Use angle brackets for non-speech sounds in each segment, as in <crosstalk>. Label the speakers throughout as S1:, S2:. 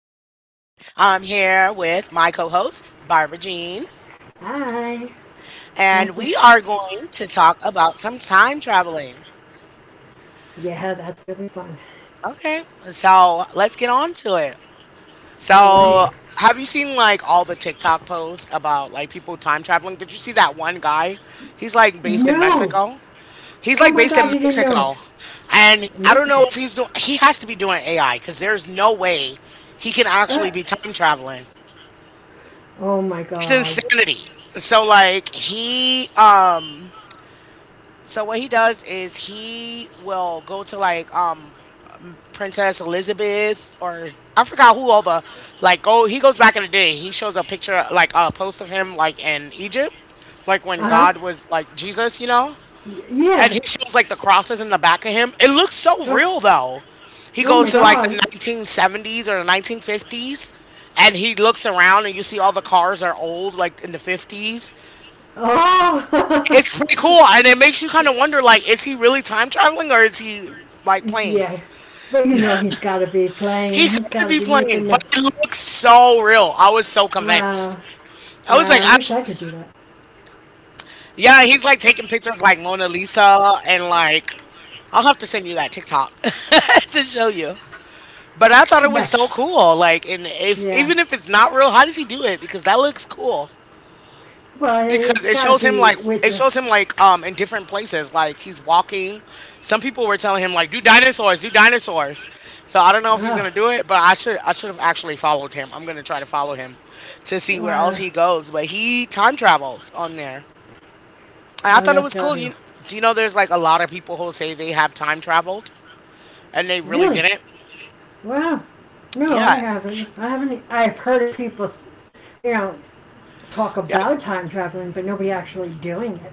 S1: I'm here with my co host, Barbara Jean,
S2: Hi.
S1: and we
S2: Nice to.
S1: are going to talk about some time traveling.
S2: Yeah, that's gonna be fun.
S1: Okay, so let's get on to it.
S2: All right.
S1: So, have you seen like all the TikTok posts about like people time traveling? Did you see that one guy? He's like based in
S2: No.
S1: Mexico. He's
S2: Oh
S1: like
S2: my
S1: based
S2: God,
S1: in
S2: you didn't know.
S1: Mexico. And I don't
S2: Mexico.
S1: know if he's doing, he has to be doing AI because there's no way he can
S2: Uh,
S1: actually be time traveling.
S2: oh my
S1: It's
S2: God.
S1: insanity. So like he so what he does is he will go to like Princess Elizabeth or I forgot who all the like go he goes back in the day. He shows a picture like a post of him like in Egypt, like when
S2: Uh
S1: God
S2: huh.
S1: was like Jesus, you know? And
S2: Yeah.
S1: he shows like the crosses in the back of him. It looks so real
S2: Uh,
S1: though. He
S2: oh
S1: goes
S2: my
S1: to like the
S2: God.
S1: 1970s or the 1950s, and he looks around, and you see all the cars are old like in the 50s.
S2: Oh.
S1: It's pretty cool, and it makes you kind of wonder, like, is he really time traveling, or is he like
S2: <laughs>
S1: playing?
S2: Yeah. But you know he's got to be
S1: He
S2: playing. He's
S1: got to
S2: got
S1: be
S2: to be
S1: playing,
S2: making
S1: but
S2: the.
S1: it looks so real. I was so convinced.
S2: Wow.
S1: I was like,
S2: Wow. I wish I could do that.
S1: yeah, he's like taking pictures like Mona Lisa, and like, I'll have to send you that TikTok <laughs> to show you. But I thought it was
S2: Yes.
S1: so cool. Like, and if
S2: Yeah.
S1: even if it's not real, how does he do it? Because that looks cool.
S2: Well,
S1: Because
S2: it's
S1: it
S2: got to
S1: shows him
S2: be
S1: like
S2: with
S1: it
S2: the.
S1: shows him like in different places, like he's walking. Some people were telling him like, do dinosaurs So I don't know if he's
S2: Oh.
S1: gonna do it, but I should have actually followed him. I'm gonna try to follow him to see where else
S2: Wow.
S1: he goes, but he time travels on there. And I
S2: Oh,
S1: thought it
S2: that's
S1: was
S2: got
S1: cool.
S2: to
S1: you
S2: be.
S1: Do you know there's like a lot of people who say they have time traveled and they really
S2: Really?
S1: didn't?
S2: Wow. No, I
S1: Yeah,
S2: haven't. I haven't. I've heard of people, you know, talk
S1: yeah,
S2: about time traveling, but nobody actually doing it. Yeah,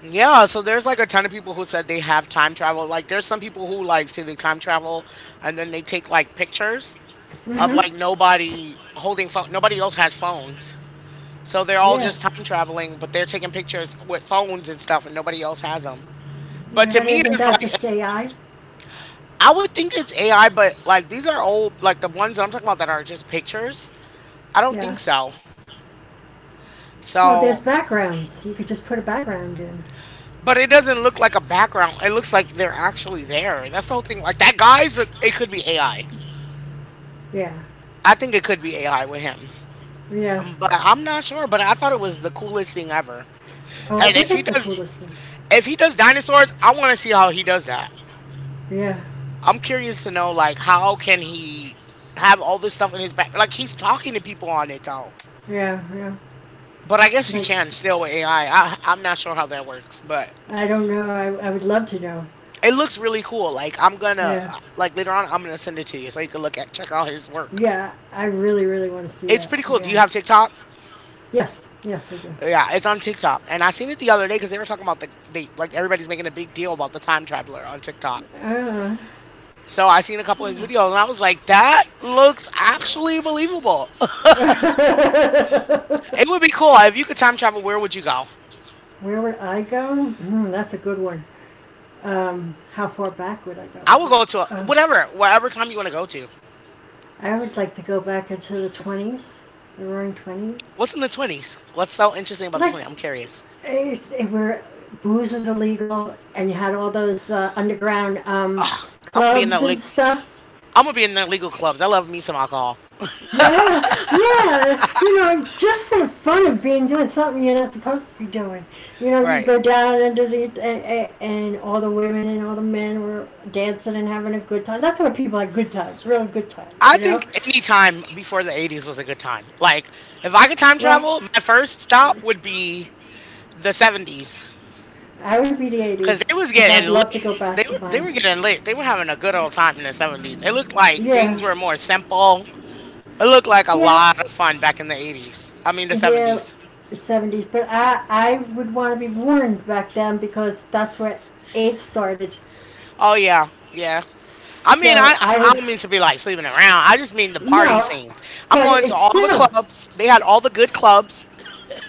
S1: yeah, so there's like a ton of people who said they have time travel. Like there's some people who like say they time travel and then they take like pictures of
S2: mm-hmm.
S1: like nobody holding phone. Nobody else has phones, so they're
S2: So,
S1: all
S2: yeah.
S1: just time traveling, but they're taking pictures with phones and stuff, and nobody else has them. But
S2: Yeah,
S1: to
S2: but
S1: me,
S2: isn't
S1: it's
S2: that
S1: like
S2: just AI?
S1: I would think it's AI, but like these are old, like the ones I'm talking about that are just pictures. I don't think
S2: Yeah.
S1: so.
S2: Well,
S1: So,
S2: there's backgrounds. You could just put a background in.
S1: but it doesn't look like a background. It looks like they're actually there. That's the whole thing. Like that guy's, it could be AI. I
S2: Yeah.
S1: I think it could be AI with him.
S2: Yeah.
S1: But I'm not sure. But I thought it was the coolest thing ever.
S2: Oh, I
S1: And if
S2: think
S1: he
S2: it's the
S1: does,
S2: coolest thing.
S1: if he does dinosaurs, I want to see how he does that.
S2: Yeah.
S1: I'm curious to know like how can he have all this stuff in his back? Like he's talking to people on it though.
S2: Yeah. Yeah.
S1: But I guess you
S2: Like.
S1: can still with AI. I am not sure how that works, but
S2: I don't know. I would love to know.
S1: it looks really cool. Like I'm gonna,
S2: Yeah,
S1: like later on I'm gonna send it to you, so you can look at check out his work.
S2: yeah. I really, really want to see
S1: It's
S2: that.
S1: pretty cool. Do you
S2: Yeah.
S1: have TikTok?
S2: Yes, yes, I do.
S1: Yeah, it's on TikTok, and I seen it the other day because they were talking about they like everybody's making a big deal about the time traveler on TikTok.
S2: Uh,
S1: So I seen a couple of his
S2: yeah.
S1: videos and I was like, that looks actually believable. <laughs> It would be
S2: <laughs>
S1: cool. If you could time travel, where would you go?
S2: Where would I go? Hmm, that's a good one. How far back would I go?
S1: I would go to
S2: Um,
S1: whatever, wherever time you want to go to.
S2: I would like to go back into the 20s, the Roaring Twenties,
S1: What's in the 20s? What's so interesting about the
S2: like,
S1: 20s? I'm curious.
S2: It's, it were booze was illegal, and you had all those underground
S1: I'm going to be in the
S2: clubs and
S1: legal,
S2: stuff.
S1: I'm going to be in the legal clubs. I love me some alcohol.
S2: Yeah, yeah. You know, just for the fun of being doing something you're not supposed to be doing. You know, you
S1: Right.
S2: go down under the and all the women and all the men were dancing and having a good time. That's where people had good times, real good times.
S1: I
S2: You know.
S1: think any time before the 80s was a good time. Like, if I could time
S2: Well,
S1: travel, my first stop would be the 70s
S2: I would be the
S1: because they
S2: 80s
S1: was
S2: because I'd
S1: getting
S2: love to
S1: lit.
S2: go back
S1: They
S2: to
S1: were they were
S2: mine.
S1: getting lit. They were having a good old time in the 70s. It looked like
S2: Yeah.
S1: things were more simple. It looked like a
S2: Yeah.
S1: lot of fun back in the 80s. I mean the
S2: Yeah,
S1: seventies.
S2: 70s. But I would want to be warned back then because that's where AIDS started.
S1: Oh yeah, yeah. I mean
S2: So
S1: I
S2: I
S1: I
S2: would.
S1: don't mean to be like sleeping around. I just mean the party
S2: No,
S1: scenes. I'm
S2: but
S1: going to
S2: it's
S1: all the
S2: still.
S1: clubs. They had all the good clubs.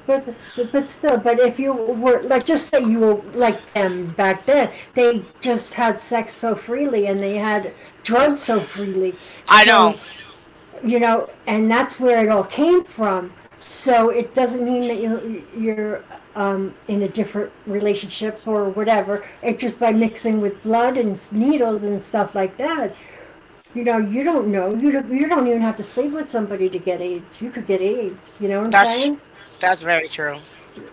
S2: But, but still, but if you were like, just say you were like them back then, they just had sex so freely and they had drugs so freely.
S1: I know
S2: So, you know, and that's where it all came from. So it doesn't mean that you're in a different relationship or whatever. It's just by mixing with blood and needles and stuff like that. You know, you don't know. You don't even have to sleep with somebody to get AIDS. You could get AIDS. You know what I'm
S1: that's
S2: saying?
S1: that's very true.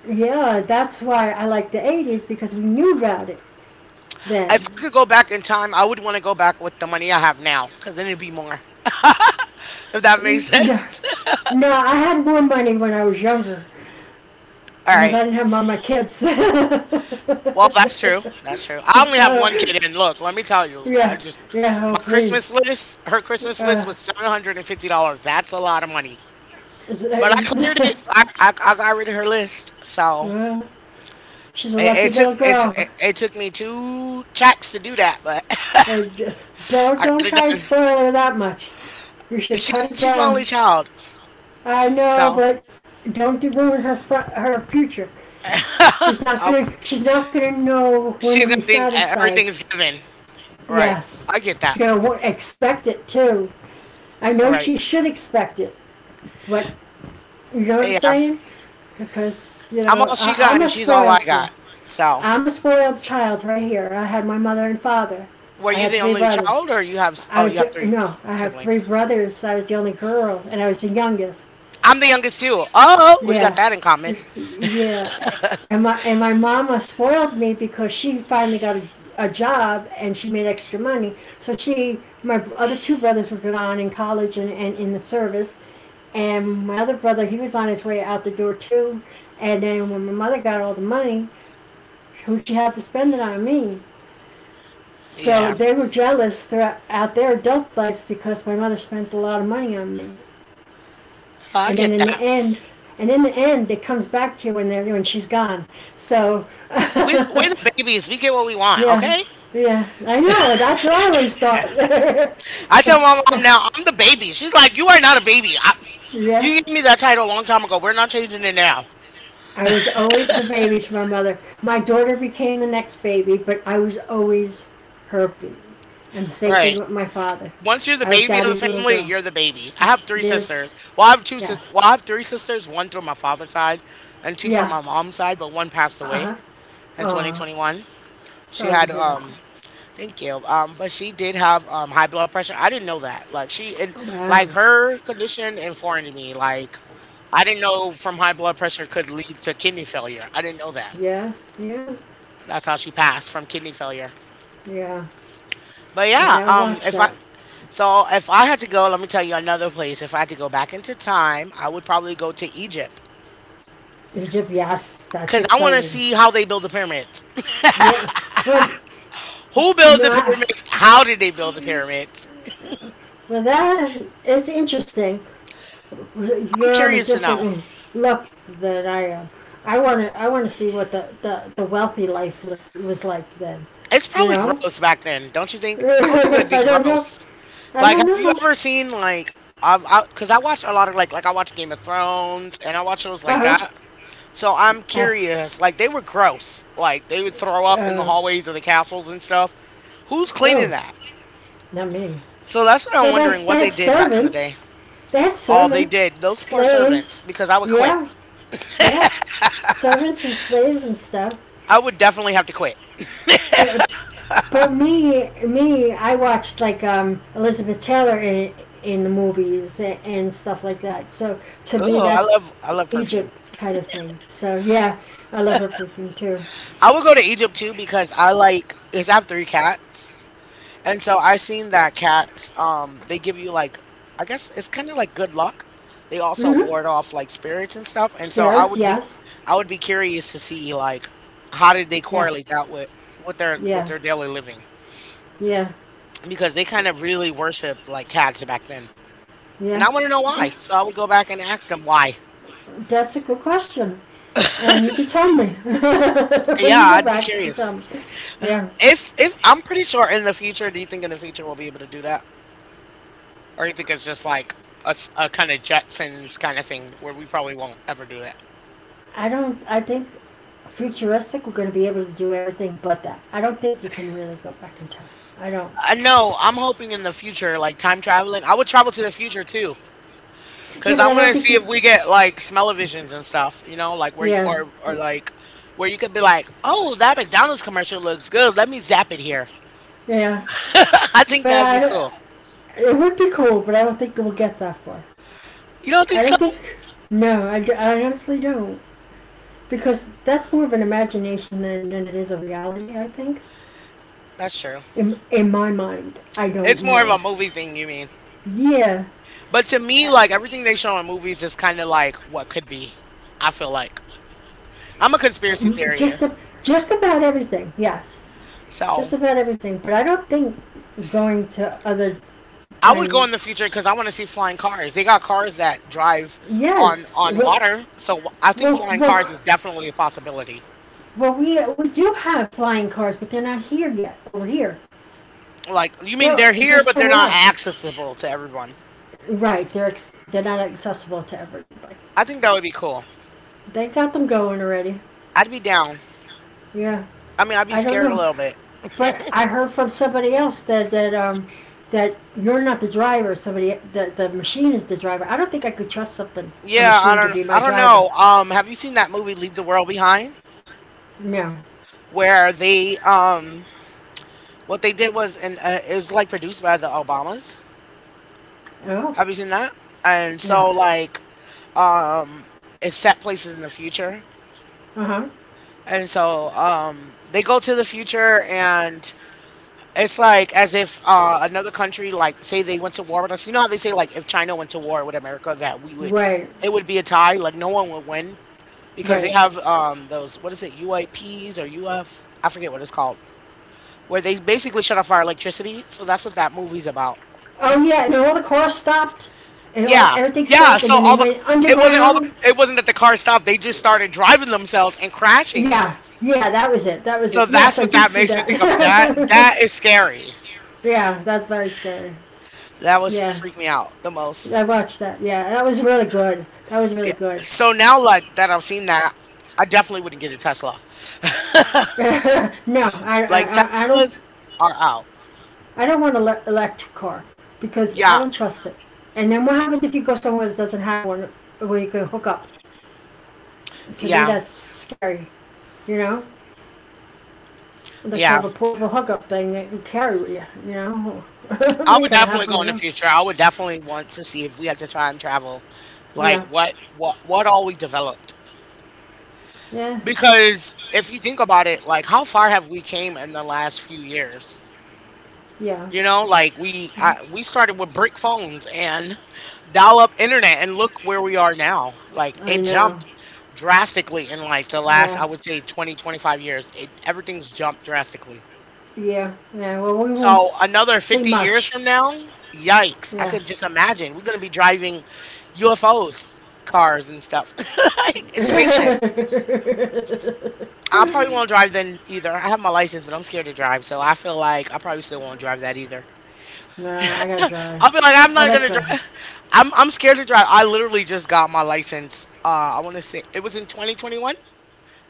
S2: Yeah, that's why I like the 80s because we knew about it then.
S1: If I could go back in time, I would want to go back with the money I have now, because then it'd be more. If that makes
S2: No,
S1: sense.
S2: no, I had more money when I was younger
S1: <laughs> All
S2: because I
S1: right.
S2: didn't have all my kids. <laughs>
S1: Well, that's true. That's true. I only have
S2: So,
S1: one kid, and look, let me tell you, I
S2: yeah,
S1: just
S2: yeah,
S1: my
S2: oh,
S1: Christmas
S2: please.
S1: list. Her Christmas list
S2: Uh,
S1: was $750. That's a lot of money,
S2: is it-
S1: but I cleared it.
S2: uh,
S1: I got rid of her list,
S2: <laughs>
S1: so
S2: well, she's a
S1: it,
S2: lucky
S1: it took
S2: little
S1: it, t-
S2: girl.
S1: it took me two checks to do that, but <laughs>
S2: Uh, don't,
S1: I
S2: don't
S1: got it
S2: try and
S1: done.
S2: spoil her that much. You should
S1: She's
S2: cut it
S1: she's my only
S2: down.
S1: child,
S2: I know,
S1: so
S2: but don't ruin her future. She's not
S1: <laughs> I,
S2: gonna. She's not gonna know when
S1: she's
S2: to
S1: gonna
S2: be
S1: think
S2: satisfied.
S1: everything's given. Right.
S2: Yes,
S1: I get
S2: she's
S1: that.
S2: gonna expect it too. I know she
S1: Right.
S2: should expect it, but you know what I'm
S1: Yeah.
S2: saying? Because you
S1: I'm
S2: know,
S1: all she
S2: I,
S1: got,
S2: I'm a
S1: and she's all I
S2: spoiled girl.
S1: got. So.
S2: I'm a spoiled child right here. I had my mother and father.
S1: Were
S2: I
S1: you
S2: had
S1: the
S2: three
S1: only
S2: brothers.
S1: child, or you have? Oh,
S2: I
S1: you
S2: was
S1: have
S2: the,
S1: three
S2: no, I have three
S1: siblings.
S2: brothers. I was the only girl, and I was the youngest.
S1: I'm the youngest too. Oh, we got
S2: Yeah,
S1: that in common.
S2: yeah, and my mama spoiled me because she finally got a job and she made extra money. So she, my other two brothers were gone in college and in the service, and my other brother he was on his way out the door too. And then when my mother got all the money, who'd she have to spend it on me? So
S1: Yeah,
S2: they were jealous throughout their adult lives because my mother spent a lot of money on me.
S1: oh, I
S2: and then
S1: get
S2: in the
S1: that.
S2: end, and in the end, it comes back to you when they're when she's gone. So,
S1: We
S2: <laughs>
S1: we're the babies. We get what we want.
S2: yeah,
S1: Okay.
S2: yeah, I know. That's what I always thought. <laughs>
S1: I tell my mom now I'm the baby. She's like, you are not a baby.
S2: Yeah,
S1: You gave me that title a long time ago. We're not changing it now.
S2: I was always the baby to my mother. My daughter became the next baby, but I was always her baby. And the same thing
S1: Right.
S2: with my father.
S1: Once you're the
S2: I was
S1: baby of
S2: daddy's
S1: the
S2: little
S1: family,
S2: girl.
S1: you're the baby. I have three
S2: There's,
S1: sisters. Well, I have two.
S2: yes,
S1: Well, I have three sisters. One through my father's side, and two from
S2: yeah,
S1: my mom's side. But one passed
S2: uh
S1: away
S2: huh.
S1: in
S2: Oh,
S1: 2021. She
S2: sorry to
S1: had
S2: hear that.
S1: Thank you. But she did have high blood pressure. I didn't know that. Like she and
S2: Wow.
S1: like her condition informed me. Like I didn't know from high blood pressure could lead to kidney failure. I didn't know that.
S2: Yeah, yeah,
S1: That's how she passed from kidney failure.
S2: yeah.
S1: But
S2: You
S1: yeah,
S2: gotta watch
S1: if I
S2: that.
S1: so if I had to go, let me tell you another place. If I had to go back into time, I would probably go to Egypt
S2: Egypt, yes, that's
S1: because I want to
S2: exciting.
S1: see how they build the pyramids. <laughs>
S2: Yeah, well,
S1: Who built the
S2: no,
S1: pyramids? How did they build the pyramids?
S2: well, that it's interesting.
S1: I'm
S2: You're on a
S1: curious to know.
S2: different look than I am. I want to see what the wealthy life look, was like then.
S1: It's
S2: You
S1: probably
S2: know,
S1: gross back then, don't you
S2: <laughs>
S1: think? I would think it would be
S2: I don't know,
S1: gross.
S2: I
S1: Like,
S2: don't
S1: have you
S2: know.
S1: ever seen like cause I watch a lot of like I watch Game of Thrones and I watch shows
S2: Uh
S1: like
S2: huh.
S1: that. So I'm
S2: Uh,
S1: curious. Like they were gross. Like they would throw up in the
S2: uh,
S1: hallways of the castles and stuff. Who's cleaning
S2: oh,
S1: that?
S2: not me.
S1: So that's what I'm
S2: Well, they
S1: wondering what
S2: they
S1: they
S2: had
S1: did back in the day.
S2: servants. They had
S1: Oh, they
S2: servants,
S1: did. Those poor servants.
S2: slaves.
S1: Because I would quit.
S2: Yeah, yeah. Servants and slaves and stuff.
S1: I would definitely have to quit.
S2: But but me, I watched, like, Elizabeth Taylor in the movies and stuff like that. So to me
S1: Oh, I
S2: that's
S1: love I love perfume.
S2: Egypt kind of thing. So yeah, I love her perfume too.
S1: I would go to Egypt too because I like because I have three cats. And so I seen that cats, they give you like, I guess it's kind of like good luck. They also
S2: Hmm.
S1: ward off like spirits and stuff. And so I
S2: Spirits,
S1: would be,
S2: yes,
S1: I would be curious to see like how did they
S2: yeah,
S1: correlate that with with their with
S2: yeah,
S1: their daily living
S2: yeah,
S1: because they kind of really worshipped like cats back then. And I
S2: yeah,
S1: want to know why.
S2: yeah.
S1: So I would go back and ask them why.
S2: That's a good question, and you can tell me <laughs> when
S1: Yeah,
S2: you go
S1: I'd be
S2: back. You can tell
S1: curious.
S2: me. Yeah.
S1: If I'm pretty sure in the future, do you think in the future we'll be able to do that, or you think it's just like a, kind of Jetsons kind of thing where we probably won't ever do that?
S2: I don't. I think futuristic. We're going to be able to do everything but that. I don't think you can really go back in time. I don't.
S1: I know. I'm hoping in the future, like time traveling, I would travel to the future too,
S2: Yeah,
S1: because
S2: but
S1: I
S2: I
S1: want
S2: don't
S1: to
S2: think
S1: see
S2: you.
S1: if we get like smell-o-visions and stuff. You know, like where
S2: Yeah,
S1: or like where you could be like, oh, that McDonald's commercial looks good. Let me zap it here.
S2: yeah.
S1: <laughs> I think
S2: But
S1: that'd be
S2: I.
S1: cool.
S2: It would be cool, but I don't think we'll get that far.
S1: You don't
S2: I
S1: think so?
S2: don't think. No, I. I honestly don't. Because that's more of an imagination than it is a reality. I think.
S1: That's true.
S2: In my mind, I don't
S1: It's more of
S2: know.
S1: a movie thing, you mean?
S2: Yeah.
S1: But to me, like everything they show in movies is kind of like what could be. I feel like I'm a conspiracy
S2: Just, a,
S1: theorist,
S2: just about everything, yes. Just
S1: so.
S2: about everything. But I don't think going to other
S1: I would go
S2: time,
S1: in the future because I want to see flying cars. They got cars that drive on
S2: yes.
S1: on water, so I think
S2: Well,
S1: flying cars
S2: well,
S1: is definitely a possibility.
S2: well, we do have flying cars, but they're not here yet, over here.
S1: Like, you mean
S2: They're,
S1: they're
S2: they're
S1: here, but they're
S2: somewhere
S1: not
S2: else.
S1: accessible to everyone?
S2: Right, they're not accessible to everybody.
S1: I think that would be cool.
S2: They got them going already.
S1: I'd be down.
S2: Yeah.
S1: I mean, I'd be
S2: I don't
S1: scared a
S2: know.
S1: little bit.
S2: But I heard from somebody else that you're not the driver. Somebody the machine is the driver. I don't think I could trust something a
S1: Yeah,
S2: machine to be my
S1: I don't
S2: driver.
S1: know. Have you seen that movie Leave the World Behind,
S2: No.
S1: where they, what they did was, and it was like produced by the Obamas.
S2: Oh
S1: Have you seen that? And
S2: yeah.
S1: so, like, um, it's set places in the future.
S2: Uh huh.
S1: And so they go to the future, and it's like as if another country, like say they went to war with us. You know how they say like if China went to war with America, that we would,
S2: Right.
S1: it would be a tie. Like no one would win because they
S2: Right.
S1: have those what is it UAPs or UF? I forget what it's called, where they basically shut off our electricity. So that's what that movie's about.
S2: Oh yeah. And all the cars stopped. And all
S1: Yeah,
S2: everything
S1: yeah.
S2: stopped. And
S1: So
S2: then they
S1: all the
S2: went
S1: it wasn't all the
S2: underground.
S1: it wasn't that the car stopped. They just started driving themselves and crashing.
S2: Yeah. Yeah. That was it.
S1: So
S2: Yes,
S1: that's
S2: I
S1: what
S2: did
S1: that
S2: see
S1: makes me
S2: that.
S1: think of. That
S2: <laughs>
S1: that is scary.
S2: Yeah. That's very scary.
S1: That was
S2: Yeah.
S1: freaked me out the most.
S2: I watched that. Yeah, that was really good. That was really
S1: Yeah.
S2: good.
S1: So now, like that I've seen that, I definitely wouldn't get a Tesla.
S2: <laughs> No, I,
S1: Like
S2: I, I-
S1: Teslas
S2: don't,
S1: are out.
S2: I don't want an electric car because
S1: Yeah,
S2: I don't trust it. And then what happens if you go somewhere that doesn't have one where you can hook up? To me,
S1: yeah,
S2: that's scary. You know, unless
S1: yeah.
S2: you have a portable hookup thing that you carry with you. You know, <laughs>
S1: I
S2: you're
S1: would
S2: gonna
S1: definitely
S2: have
S1: go
S2: one
S1: in
S2: of
S1: the
S2: those.
S1: future. I would definitely want to see if we had to time travel, like
S2: Yeah,
S1: what all we developed.
S2: yeah,
S1: Because if you think about it, like how far have we came in the last few years?
S2: yeah.
S1: You know, like we started with brick phones and dial up internet, and look where we are now. Like
S2: I
S1: it
S2: know.
S1: jumped drastically in like the last,
S2: Yeah,
S1: I would say 20, 25 years. It, everything's jumped drastically.
S2: yeah, yeah. Well, we won't
S1: So another
S2: see
S1: 50 years
S2: much.
S1: from now, yikes, I
S2: Yeah.
S1: could just imagine we're going to be driving UFOs, cars and stuff. <laughs> Like, it's spaceship.
S2: <laughs>
S1: I probably won't drive then either. I have my license, but I'm scared to drive, so I feel like I probably still won't drive that either.
S2: Nah, I gotta drive.
S1: I'll be like, I'm
S2: I
S1: not
S2: like
S1: gonna
S2: driving.
S1: drive. I'm scared to drive. I literally just got my license. I want to say it was in 2021.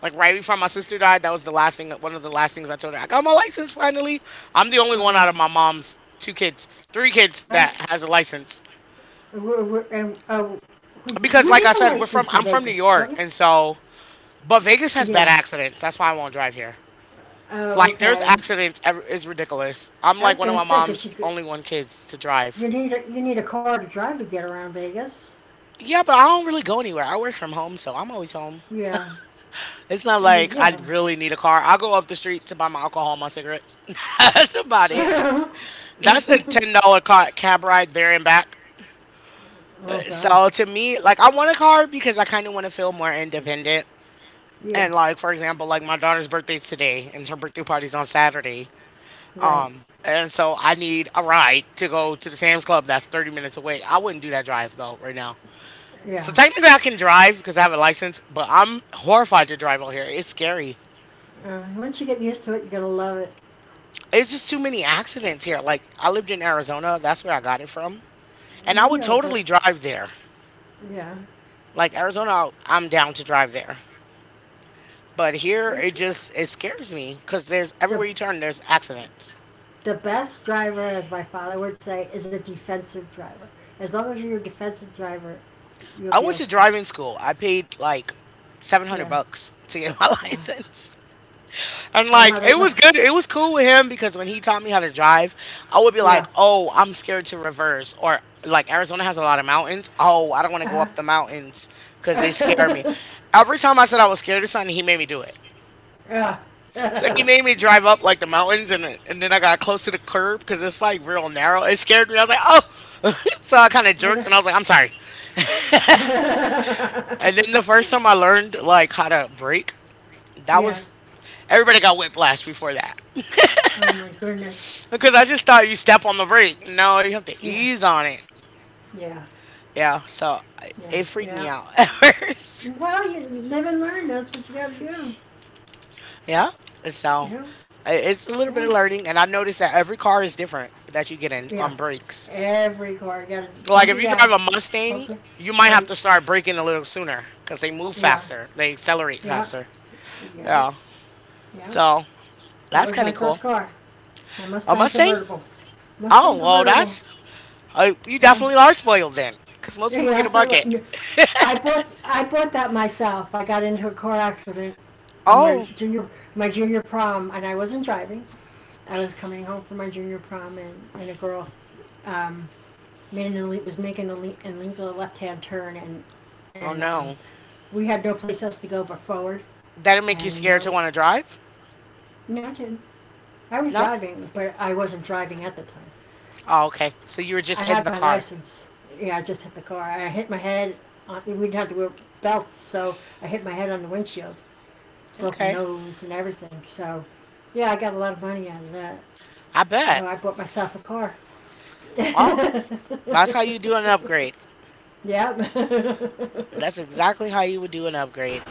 S1: Like right before my sister died, that was the last thing. One of the last things I told her, I got my license finally. I'm the only one out of my
S2: Oh,
S1: mom's three kids
S2: huh?
S1: that has a license.
S2: We're, we're, and, uh,
S1: Because,
S2: you
S1: like I
S2: need a
S1: said, we're from.
S2: license in
S1: I'm from New
S2: Vegas, don't
S1: York,
S2: you?
S1: and so, but Vegas has bad
S2: Yeah.
S1: accidents. That's why I won't drive here.
S2: Oh,
S1: Like, there's
S2: okay.
S1: accidents. It's ridiculous. I'm
S2: I was
S1: like one of
S2: gonna
S1: my
S2: say, cause
S1: mom's only one kids to drive.
S2: you need a car to drive to get around Vegas.
S1: Yeah, but I don't really go anywhere. I work from home, so I'm always home.
S2: Yeah.
S1: It's not like I
S2: Yeah.
S1: really need a car. I'll go up the street to buy my alcohol, and my cigarettes. <laughs> That's about it.
S2: <laughs>
S1: That's a $10 car cab ride there and back.
S2: Oh God.
S1: So to me, like I want a car because I kind of want to feel more independent. And
S2: Yeah.
S1: like for example, like my daughter's birthday's today, and her birthday party's on Saturday.
S2: Right.
S1: And so I need a ride to go to the Sam's Club that's 30 minutes away. I wouldn't do that drive though right now. So
S2: Yeah.
S1: technically, I can drive because I have a license, but I'm horrified to drive out here. It's scary.
S2: Once you get used to it, you're gonna love it.
S1: It's just too many accidents here. Like I lived in Arizona, that's where I got it from, and I would
S2: Yeah,
S1: totally
S2: but
S1: drive there.
S2: yeah.
S1: Like Arizona, I'm down to drive there. But here, it
S2: The,
S1: just it scares me because there's everywhere you turn, there's accidents.
S2: the best driver, as my father would say, is a defensive driver. As long as you're a defensive driver, you'll
S1: I
S2: be
S1: went to
S2: okay.
S1: driving school. I paid like seven hundred
S2: Yeah,
S1: bucks to get my <laughs>
S2: yeah.
S1: license, and
S2: My
S1: like
S2: mother,
S1: it
S2: my,
S1: was good. It was cool with him because when he taught me how to drive, I would be like,
S2: yeah.
S1: "Oh, I'm scared to reverse," or like Arizona has a lot of mountains. Oh, I don't want to go
S2: Uh-huh.
S1: up the mountains because they scare me. Every time I said I was scared of something, he made me do it.
S2: <laughs> Yeah.
S1: So he
S2: <laughs>
S1: made me drive up like the mountains, and then I got close to the curb because it's like real narrow. It scared me. I was like, oh, <laughs> so I kind of
S2: But,
S1: jerked, and I was like, I'm sorry.
S2: <laughs>
S1: And then the first time I learned like how to brake, that
S2: yeah.
S1: was everybody got whiplash before that
S2: Oh my goodness.
S1: <laughs> because I just thought you step on the brake. No, you have to
S2: Yeah.
S1: ease on it.
S2: Yeah.
S1: Yeah, so
S2: Yeah.
S1: it freaked me
S2: Yeah.
S1: out <laughs> at first.
S2: Well, you live and learn. That's what you got to do.
S1: Yeah, so
S2: Yeah.
S1: it's a little bit of
S2: Yeah.
S1: learning, and I noticed that every car is different that you get in on
S2: Yeah.
S1: brakes.
S2: Every car, you gotta
S1: Like
S2: pump
S1: if
S2: your
S1: you drive a
S2: gas,
S1: Mustang,
S2: pump your
S1: you might have to
S2: brakes.
S1: start braking a little sooner because they move
S2: Yeah,
S1: faster. They accelerate
S2: yeah,
S1: faster.
S2: yeah,
S1: Yeah.
S2: yeah.
S1: So
S2: That
S1: that's
S2: was my
S1: kind of
S2: first
S1: cool.
S2: car, my
S1: A
S2: Mustang
S1: Mustang?
S2: convertible. Mustang
S1: Oh well,
S2: convertible.
S1: that's you
S2: Yeah,
S1: definitely are spoiled then, because most
S2: yeah, <laughs>
S1: people get a
S2: yes,
S1: bucket. <laughs>
S2: I bought that myself. I got into a car accident on my
S1: Oh,
S2: junior my junior prom, and I wasn't driving. I was coming home from my junior prom, and a girl, um, made an ele- was making a le- an illegal left hand turn, and
S1: oh
S2: and um,
S1: no.
S2: we had no place else to go but forward,
S1: That'll make you
S2: and we
S1: scared to
S2: were.
S1: want to drive?
S2: No, I didn't. I was
S1: No?
S2: driving, but I wasn't driving at the time.
S1: Oh, okay. So you were just
S2: I
S1: in
S2: had
S1: the
S2: my
S1: car.
S2: license. Yeah, I just hit the car. I hit my head. On, we didn't have to wear belts, so I hit my head on the windshield, broke my
S1: Okay.
S2: nose and everything. So, yeah, I got a lot of money out of that.
S1: I
S2: Oh,
S1: bet.
S2: I bought myself a car. <laughs>
S1: Well,
S2: Yep.
S1: that's how you do an upgrade.
S2: <laughs>
S1: That's exactly how you would do an upgrade.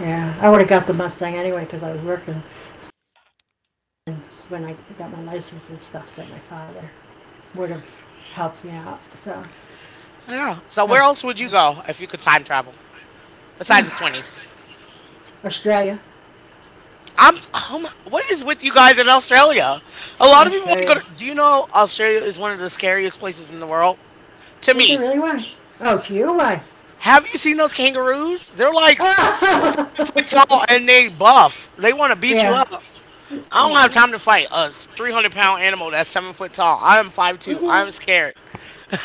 S2: Yeah, I would have got the Mustang anyway because I was working. So, by then, when I got my license and stuff, so my father would have helped me out. So,
S1: Yeah. So
S2: uh,
S1: where else would you go if you could time travel? Besides the
S2: uh,
S1: 20s?
S2: Australia,
S1: I'm, oh what is with you guys in Australia? A lot of people want to go
S2: Australia.
S1: to. Do you know Australia is one of the scariest places in the world? To
S2: Is it
S1: me.
S2: really one? Oh, to you, why?
S1: Have you seen those kangaroos? They're like 7 foot
S2: Oh.
S1: tall and they buff. They want to
S2: <laughs>
S1: beat you up.
S2: Yeah,
S1: I don't have
S2: yeah.
S1: time to fight a 300 pound animal that's 7 foot tall. I am 5 2.
S2: Yeah.
S1: I'm scared.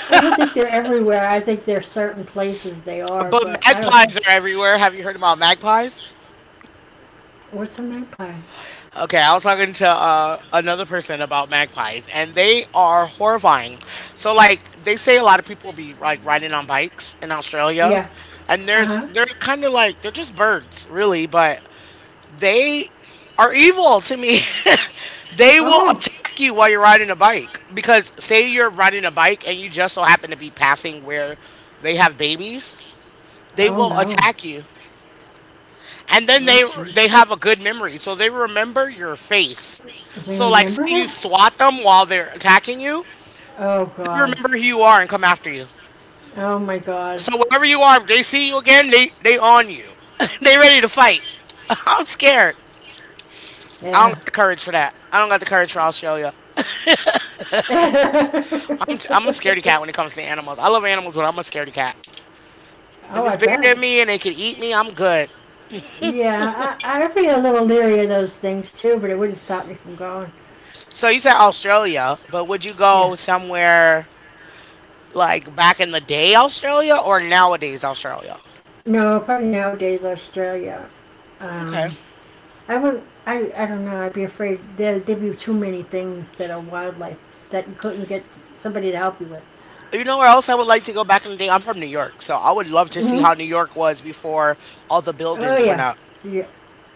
S2: I don't think they're everywhere. I think there are certain places they are,
S1: But
S2: but I don't think.
S1: magpies are everywhere. Have you heard about magpies?
S2: What's a magpie?
S1: Okay, I was talking to another person about magpies, and they are horrifying. So, like, they say a lot of people be like riding on bikes in Australia,
S2: Yeah.
S1: and
S2: Uh
S1: there's
S2: huh.
S1: they're kind of like they're just birds, really, but they are evil to me. <laughs> They will
S2: Oh.
S1: attack you while you're riding a bike because say you're riding a bike and you just so happen to be passing where they have babies, they
S2: Oh
S1: will
S2: no.
S1: attack you and then
S2: Oh,
S1: they
S2: jeez.
S1: have a good memory, so they remember your face.
S2: Does he
S1: So like,
S2: remember
S1: say you
S2: him?
S1: swat them while they're attacking you,
S2: Oh,
S1: they
S2: God.
S1: remember who you are and come after you.
S2: Oh, my God.
S1: So wherever you are, if they see you again, they on you. <laughs> They ready to fight. <laughs> I'm scared. I don't
S2: Yeah.
S1: got the courage for that. I don't got the courage for Australia.
S2: <laughs> Oh,
S1: I'm a scaredy cat when it comes to animals. I love animals, but I'm a scaredy cat. If it's
S2: I
S1: bigger
S2: bet.
S1: than me and it can eat me, I'm good.
S2: Yeah, I'd be a little leery of those things too, but it wouldn't stop me from going.
S1: So you said Australia, but would you
S2: Yeah.
S1: go somewhere like back in the day, Australia, or nowadays, Australia?
S2: No, probably nowadays Australia.
S1: Okay.
S2: Um, I would. I don't know. I'd be afraid there. There'd be too many things that are wildlife that you couldn't get somebody to help you with.
S1: You know where else I would like to go back in the day? I'm from New York, so I would love to see
S2: Hmm.
S1: how New York was before all the
S2: Oh
S1: buildings went
S2: yeah,
S1: up.
S2: yeah.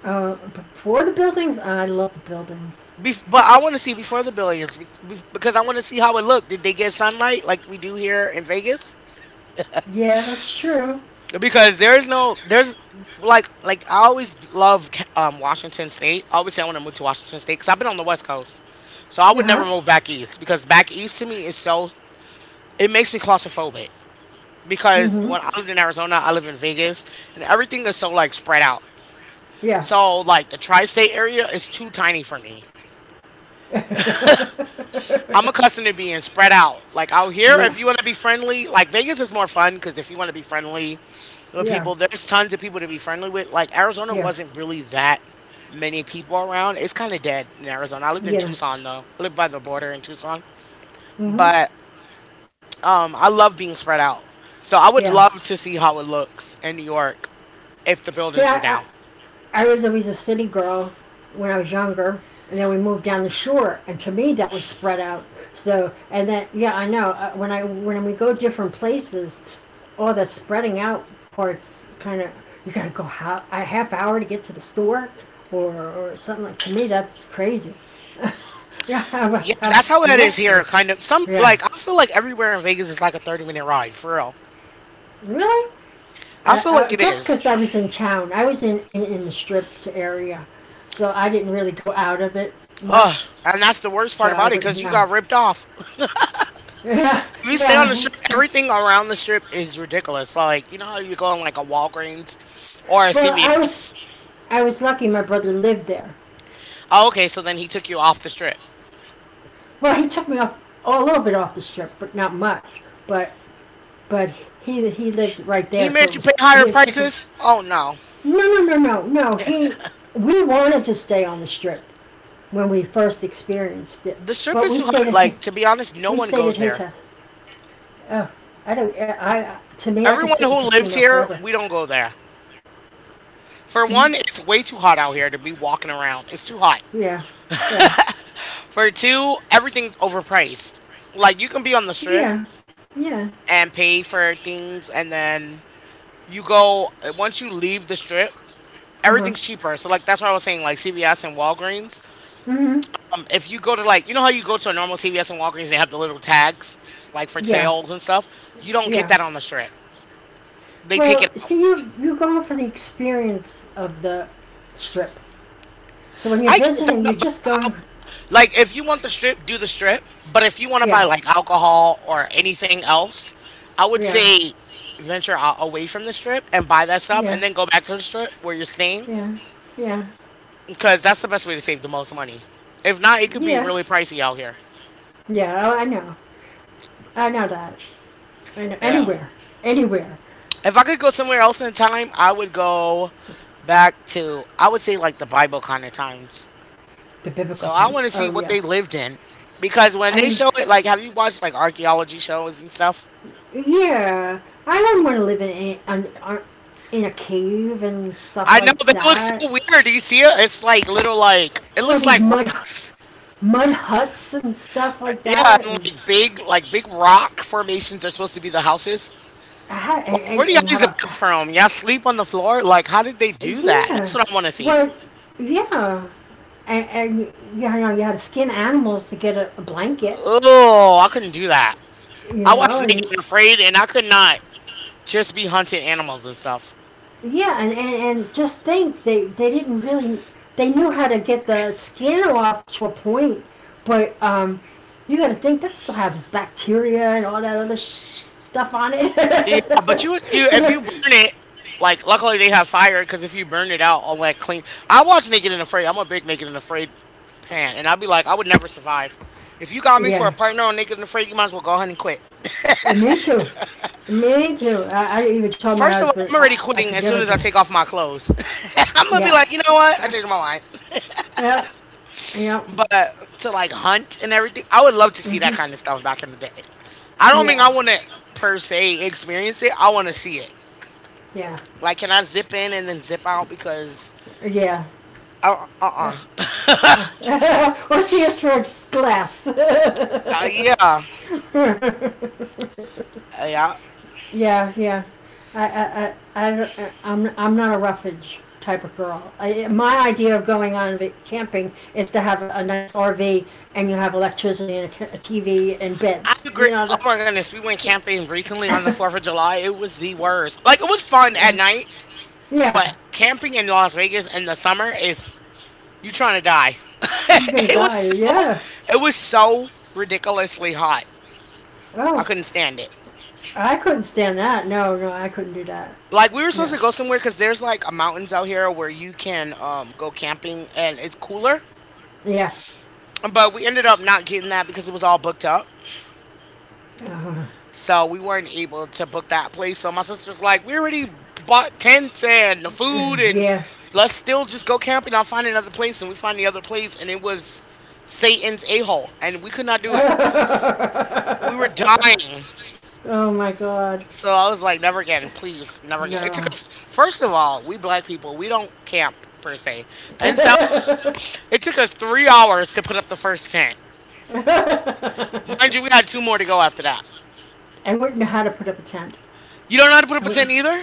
S2: But for the buildings, I love the buildings.
S1: But I want to see before the buildings because I want to see how it looked. Did they get sunlight like we do here in Vegas?
S2: Yeah, that's true.
S1: Because there's no there's like I always love Washington State. I always say I want to move to Washington State because I've been on the West Coast, so I
S2: Uh
S1: would never move
S2: huh.
S1: back east because back east to me is so it makes me claustrophobic. Because
S2: Mhm.
S1: when I lived in Arizona, I live in Vegas, and everything is so like spread out.
S2: Yeah.
S1: So like the tri-state area is too tiny for me.
S2: <laughs>
S1: I'm accustomed to being spread out. Like out here,
S2: yeah.
S1: if you want to be friendly, like Vegas is more fun because if you want to be friendly with
S2: Yeah.
S1: people, there's tons of people to be friendly with. Like Arizona
S2: Yeah.
S1: wasn't really that many people around. It's kind of dead in Arizona. I lived in
S2: Yeah.
S1: Tucson though. I lived by the border in Tucson,
S2: Mhm.
S1: but I love being spread out. So I would
S2: Yeah.
S1: love to see how it looks in New York if the
S2: See,
S1: buildings were down.
S2: I was always a city girl when I was younger, and then we moved down the shore, and to me that was spread out. So, and then yeah, I know when I when we go different places, all the spreading out parts kind of you got to go a half hour to get to the store, or something, like, to me, that's crazy. Yeah, <laughs> I have
S1: Yeah,
S2: to have
S1: that's how
S2: you
S1: it is
S2: next to me.
S1: here. Kind of some
S2: Yeah,
S1: like I feel like everywhere in Vegas is like a 30 minute ride for real.
S2: really.
S1: I feel like
S2: I
S1: it
S2: guess
S1: is.
S2: because I was in town, I was in the strip area, so I didn't really go out of it
S1: Ugh,
S2: much.
S1: and that's the worst
S2: So
S1: part
S2: I
S1: about it
S2: wouldn't
S1: because you
S2: know.
S1: got
S2: <laughs>
S1: ripped off. <laughs>
S2: Yeah,
S1: If you stay on the
S2: yeah.
S1: strip,
S2: So,
S1: everything around the strip is ridiculous. Like you know how you go on like a Walgreens or a
S2: well, I was
S1: CVS.
S2: I was lucky. My brother lived there.
S1: Oh, okay, so then he took you off the strip.
S2: Well, he took me off a little bit off the strip, but not much. But he lived right there,
S1: He
S2: so
S1: made you pay higher
S2: it took a.
S1: prices. Oh no,
S2: No, no, no, no, no. He We wanted to stay on the strip when we first experienced it,
S1: the strip
S2: but
S1: is
S2: we
S1: too
S2: stayed
S1: hot.
S2: at his,
S1: Like to be honest, no
S2: we
S1: one
S2: stayed
S1: goes
S2: at his
S1: there.
S2: house. Oh, I don't. I To me, I could
S1: Everyone
S2: sit in a
S1: who lives
S2: casino
S1: here,
S2: forever.
S1: we don't go there. For one,
S2: Mm-hmm.
S1: it's way too hot out here to be walking around. It's too hot.
S2: Yeah, yeah,
S1: For two, everything's overpriced. Like you can be on the strip
S2: yeah, yeah.
S1: and pay for things, and then you go once you leave the strip,
S2: Uh huh.
S1: everything's cheaper. So like that's what I was saying, like CVS and Walgreens.
S2: Hmm.
S1: If you go to, like, you know how you go to a normal CVS and Walgreens, they have the little tags like for
S2: Yeah,
S1: sales and stuff. You don't get
S2: yeah.
S1: that on the strip. They take it
S2: Well,
S1: out.
S2: see, you're going for the experience of the strip. So when you're
S1: I get
S2: visiting,
S1: that,
S2: you're
S1: but
S2: just going.
S1: I'll, like if you want the strip, do the strip. But if you want to buy
S2: Yeah,
S1: like alcohol or anything else, I would
S2: yeah,
S1: say venture out away from the strip and buy that stuff,
S2: yeah,
S1: and then go back to the strip where you're staying,
S2: yeah, yeah,
S1: because that's the best way to save the most money. If not, it could be
S2: yeah,
S1: really pricey out here.
S2: yeah. Oh, I know. I know that. I know
S1: Yeah.
S2: anywhere, anywhere.
S1: If I could go somewhere else in time, I would go back to, I would say, like the Bible kind of times.
S2: The
S1: So
S2: biblical
S1: I want
S2: times.
S1: to see
S2: Oh
S1: what
S2: yeah.
S1: they lived in because when they
S2: I
S1: show it, like have you watched like archaeology shows and stuff?
S2: Yeah. I don't want to live in a cave and stuff
S1: I know
S2: like
S1: they look so
S2: that.
S1: weird. Do you see it? It's like little, like it
S2: Or
S1: looks
S2: these
S1: like
S2: mud
S1: rocks.
S2: mud huts and stuff like
S1: Yeah,
S2: that.
S1: and
S2: And
S1: like big, like big rock formations are supposed to be the houses.
S2: how,
S1: Like
S2: and,
S1: where
S2: and,
S1: do y'all
S2: and how
S1: use the
S2: about.
S1: bathroom from? Y'all sleep on the floor? Like how did they do that? That's
S2: Yeah,
S1: what I want to see.
S2: well, yeah, and you know you had to skin animals to get a blanket,
S1: Oh, I couldn't do that. I watched Naked
S2: and
S1: and Afraid, and I could not just be hunting animals and stuff.
S2: yeah, and just think they didn't really. They knew how to get the skin off to a point, but you got to think that still has bacteria and all that other stuff on it.
S1: Yeah, but you if you burn it, like luckily they have fire because if you burn it out on like clean, I watch Naked and Afraid. I'm a big Naked and Afraid fan, and I'd be like, I would never survive. If you got me for a
S2: <laughs> Yeah,
S1: partner on Naked and Afraid, you might as well go ahead and quit.
S2: me too, me too. I even told my
S1: First of all,
S2: husband
S1: I'm already
S2: I
S1: quitting
S2: could
S1: as
S2: never
S1: soon as
S2: do
S1: I
S2: it.
S1: take off my clothes. <laughs> I'm gonna be
S2: Yeah.
S1: like, you know what? I changed my mind.
S2: Yep. Yep.
S1: But to like hunt and everything, I would love to see that
S2: Hmm.
S1: kind of stuff back in the day. I don't mean I
S2: Yeah.
S1: want to per se experience it. I want to see it.
S2: Yeah.
S1: Like, can I zip in and then zip out because
S2: Yeah.
S1: uh uh.
S2: <laughs>
S1: Uh.
S2: or see it through a glass. <laughs>
S1: <laughs> Uh. yeah. Yeah.
S2: yeah. Yeah. I, I, I, I, I'm not a roughage type of girl. My idea of going on camping is to have a nice RV and you have electricity and a TV and
S1: I
S2: beds. You
S1: agree. Oh
S2: know,
S1: my goodness, we went camping recently on the 4th of
S2: the-
S1: July. It was the worst. Like, it was fun at night,
S2: <laughs>
S1: but
S2: yeah,
S1: camping in Las Vegas in the summer is you trying to die. <laughs>
S2: you're gonna
S1: It was
S2: die.
S1: so,
S2: Yeah.
S1: it was so ridiculously hot. I
S2: Oh,
S1: couldn't stand it.
S2: I couldn't stand that. No, no, I couldn't do that.
S1: Like, we were supposed to
S2: No.
S1: go somewhere because there's like a mountains out here where you can go camping and it's cooler,
S2: Yeah.
S1: but we ended up not getting that because it was all booked up.
S2: Uh,
S1: So we weren't able to book that place. So my sister's like, we already bought tents and the food, and
S2: yeah.
S1: let's still just go camping. I'll find another place. And we find the other place, and it was Satan's a hole. And we could not do it. We were
S2: <laughs>
S1: dying.
S2: Oh my god.
S1: So I was like, never again, please, never again. It took
S2: No.
S1: us, first of all, we black people, we don't camp per se.
S2: <laughs>
S1: And so
S2: I
S1: it took us 3 hours to put up the first tent. Mind you, we had two more to go after that.
S2: wouldn't know how to put up a tent.
S1: You don't know how to put up a
S2: I
S1: tent
S2: wouldn't.
S1: either?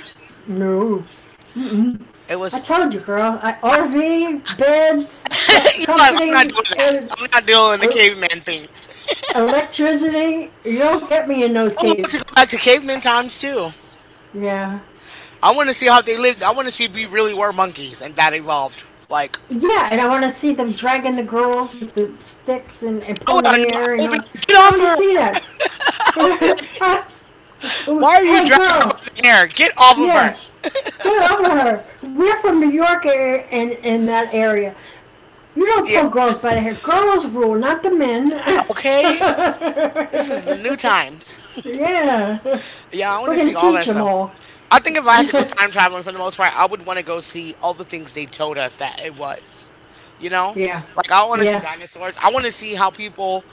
S2: No. Mm-mm.
S1: It
S2: I
S1: was
S2: told you, girl. RV, beds,
S1: <laughs> You're like, I'm not
S2: comforting,
S1: doing that.
S2: and
S1: I'm not doing the
S2: el-
S1: caveman thing.
S2: electricity. You'll get me in those
S1: I would love to
S2: caves.
S1: go back to caveman times too.
S2: Yeah.
S1: I want to see how they lived. I want to see if we really were monkeys and that evolved. Like,
S2: Yeah, and I want to see them dragging the girls with the sticks and,
S1: I would, anno- I
S2: ponair and
S1: would be
S2: all.
S1: like, get
S2: I want
S1: off
S2: to
S1: of her.
S2: see
S1: <laughs>
S2: that.
S1: I would be like,
S2: <laughs>
S1: why are you
S2: Hey,
S1: dragging her
S2: girl.
S1: by the hair? Get off of her.
S2: Yeah, get over her. We're from New York and and that area. You don't
S1: Yeah,
S2: pull girls by the hair. Girls rule, not the men. <laughs>
S1: okay. This is the new times.
S2: yeah,
S1: Yeah, I want
S2: we're
S1: to
S2: gonna
S1: see all
S2: teach
S1: that
S2: them
S1: stuff.
S2: all.
S1: I think if
S2: <laughs>
S1: I had to go
S2: yeah,
S1: time traveling for the most part, I would want to go see all the things they told us that it was. You know, like I want to see
S2: yeah,
S1: dinosaurs. I want to see how people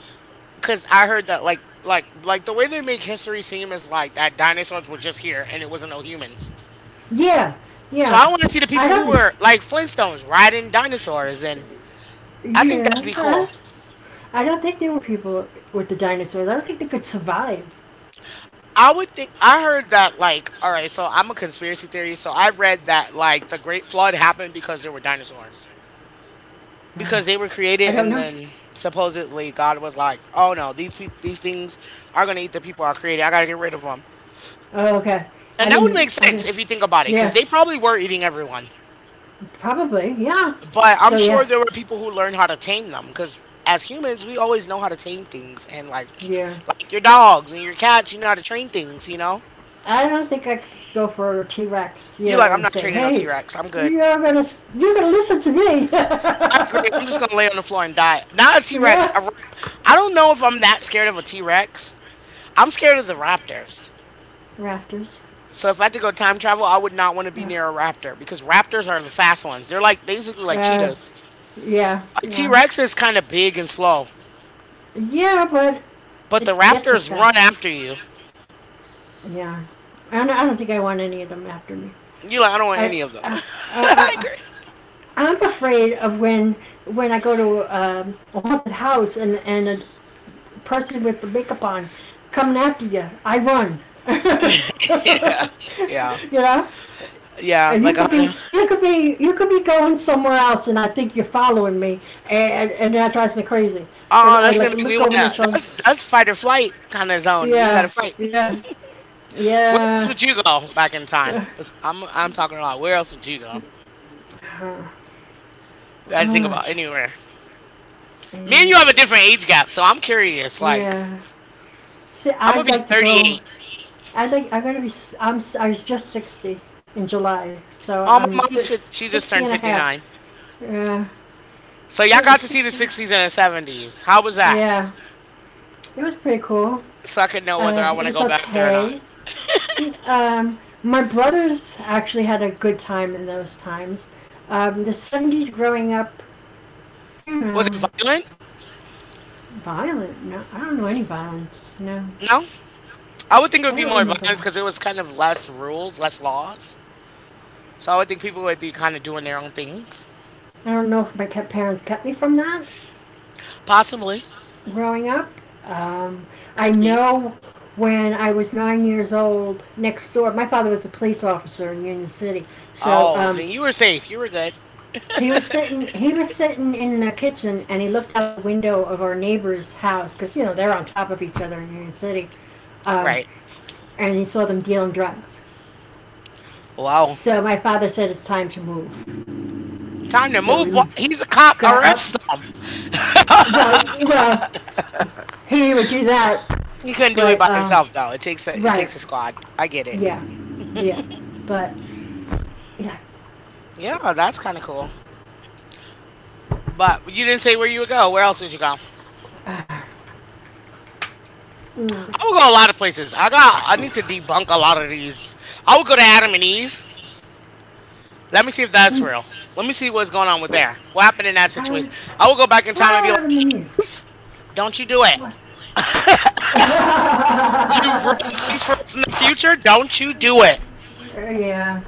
S1: because I heard that like the way they make history seem is like that dinosaurs were just here and it wasn't no humans.
S2: yeah,
S1: So I
S2: yeah.
S1: want to see the
S2: I
S1: people who
S2: don't.
S1: were like Flintstones riding dinosaurs, and I think
S2: Yeah.
S1: that'd be cool.
S2: I don't think there were people with the dinosaurs. I don't think they could survive.
S1: I would think I heard that, like, all right, so I'm a conspiracy theorist, so I read that like the Great Flood happened because there were dinosaurs. Because they were
S2: I
S1: created,
S2: don't
S1: and
S2: know.
S1: then supposedly God was like, "Oh no, these pe- these things are gonna eat the people I created. I gotta get rid of them."
S2: Oh, okay.
S1: And
S2: I
S1: that would make
S2: didn't. I
S1: sense
S2: didn't.
S1: if you think about it, because
S2: Yeah,
S1: they probably were eating everyone.
S2: probably. Yeah.
S1: But I'm
S2: So
S1: sure
S2: yeah,
S1: there were people who learned how to tame them because as humans, we always know how to tame things, and
S2: yeah.
S1: like your dogs and your cats, you know how to train things, you know?
S2: I don't think I could go for a T Rex,
S1: You're like, I'm
S2: and
S1: not
S2: say,
S1: training no T
S2: "Hey,
S1: Rex. I'm good.
S2: you're gonna you're gonna listen to me."
S1: I agree. I'm just gonna lay on the floor and die. Not a T
S2: <laughs>
S1: Rex.
S2: yeah.
S1: I don't know if I'm that scared of a T Rex. I'm scared of the raptors.
S2: Rafters.
S1: So if I had to go time travel, I would not want to be
S2: Yeah.
S1: near a raptor because raptors are the fast ones. They're like basically like
S2: Oh,
S1: cheetahs.
S2: yeah,
S1: A T
S2: yeah.
S1: Rex is kind of big and slow,
S2: Yeah, but
S1: but the
S2: it gets you
S1: raptors run
S2: fast.
S1: after you.
S2: Yeah, I don't think I want any of them after me.
S1: You like, I don't want
S2: I,
S1: any of them.
S2: I,
S1: <laughs>
S2: I,
S1: I
S2: I
S1: agree.
S2: I'm afraid of when I go to a haunted house and a person with the makeup on coming after you. I run.
S1: <laughs> Yeah. Yeah.
S2: <laughs> You know.
S1: Yeah.
S2: You
S1: Like a
S2: could be,
S1: 100. <laughs>
S2: going somewhere else, and I think you're following me, and that drives me crazy, because
S1: Oh,
S2: I
S1: that's
S2: like
S1: gonna
S2: to
S1: make me
S2: look over my
S1: wanna,
S2: shoulder.
S1: that's fight or flight kind of zone. Then you gotta
S2: Yeah,
S1: fight.
S2: yeah,
S1: Where else
S2: yeah.
S1: would you go back in time?
S2: Yeah.
S1: 'Cause I'm talking a lot. Where else would you go? I just think about anywhere. Me and you have a different age gap, so I'm curious. Like
S2: See,
S1: I'm gonna
S2: I'd
S1: be
S2: like to go.
S1: 38.
S2: I'd like. I'm gonna be. I'm. I like I am going to be I am I was just 60 in July, so
S1: Oh, my
S2: I'm
S1: mom's 50, she just
S2: 60 and
S1: turned
S2: a half.
S1: 59. So y'all
S2: Yeah.
S1: got to see the
S2: 60.
S1: 60s and the 70s. How was that?
S2: Yeah. It was pretty cool.
S1: So I could know whether I
S2: It
S1: want to
S2: was
S1: go back there or not.
S2: okay. My brothers actually had a good time in those times. The 70s growing up, you
S1: Was it
S2: know,
S1: violent?
S2: violent. No, I don't know any violence. No,
S1: No. I would think it
S2: I
S1: would be
S2: don't
S1: more
S2: remember.
S1: violence because it was kind of less rules, less laws. So I would think people would be kind of doing their own things.
S2: I don't know if my parents kept me from that
S1: Possibly.
S2: growing up. Um, I
S1: Could be.
S2: know when I was 9 years old, next door, my father was a police officer in Union City, so
S1: Oh, then you were safe. You were good. <laughs>
S2: he was sitting. He was sitting in the kitchen, and he looked out the window of our neighbor's house because you know they're on top of each other in Union City, um,
S1: Right.
S2: and he saw them dealing drugs.
S1: Wow.
S2: So my father said it's time to move.
S1: Time to
S2: So
S1: move. Wa-
S2: we
S1: He's a cop.
S2: got
S1: Arrest
S2: up.
S1: him.
S2: Well, he would do that,
S1: He couldn't do it by
S2: but
S1: himself though. It takes a it
S2: right.
S1: takes a squad. I get it.
S2: Yeah, yeah, but yeah.
S1: Yeah, that's kind of cool. But you didn't say where you would go. Where else would you go?
S2: Uh,
S1: I would go a lot of places. I got. I need to debunk a lot of these. I would go to Adam and Eve. Let me see if that's real. Let me see what's going on with there. What happened in that
S2: Tyra,
S1: situation? I will go back in
S2: why
S1: time and be like,
S2: Adam and Eve?
S1: don't you do it.
S2: Uh,
S1: You've ruined things for us in the future. Don't you do it.
S2: <laughs> <laughs> yeah,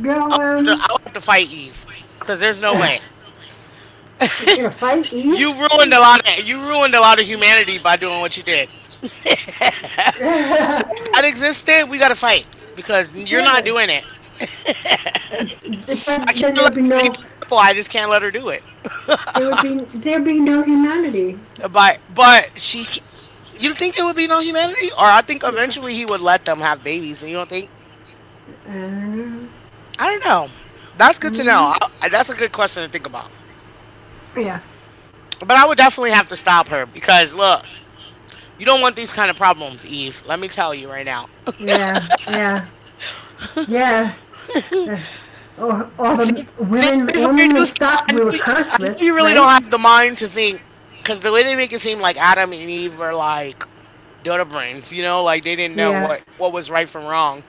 S2: go
S1: I'll have to, I'll have to fight Eve because there's no way.
S2: you gonna fight
S1: You
S2: Eve?
S1: ruined a lot. Of, you ruined a lot of humanity by doing what you did. <laughs> So
S2: <laughs>
S1: if that
S2: Have
S1: existed, we got to fight because you're not
S2: it,
S1: doing it. I
S2: but then
S1: can't
S2: there'd
S1: let
S2: be
S1: her
S2: no,
S1: eat the apple. I just can't let her do it.
S2: there would be, there'd be no humanity.
S1: But she. You think there would be no humanity, or I think
S2: Yeah.
S1: eventually he would let them have babies. And you don't think
S2: I don't know.
S1: I don't know. That's
S2: I
S1: good to
S2: don't
S1: know.
S2: know.
S1: I, that's a good question to think about.
S2: Yeah,
S1: But I would definitely have to stop her because look, you don't want these kind of problems, Eve. Let me tell you right now.
S2: yeah, yeah, yeah. Uh. Or all the
S1: Think
S2: women
S1: before you
S2: women they
S1: do stuff.
S2: stopped we were
S1: I
S2: cursed
S1: know
S2: with,
S1: you really don't
S2: right?
S1: have the mind to think because the way they make it seem like Adam and Eve were like dodo brains, you know, like they didn't know
S2: Yeah,
S1: what was right from wrong.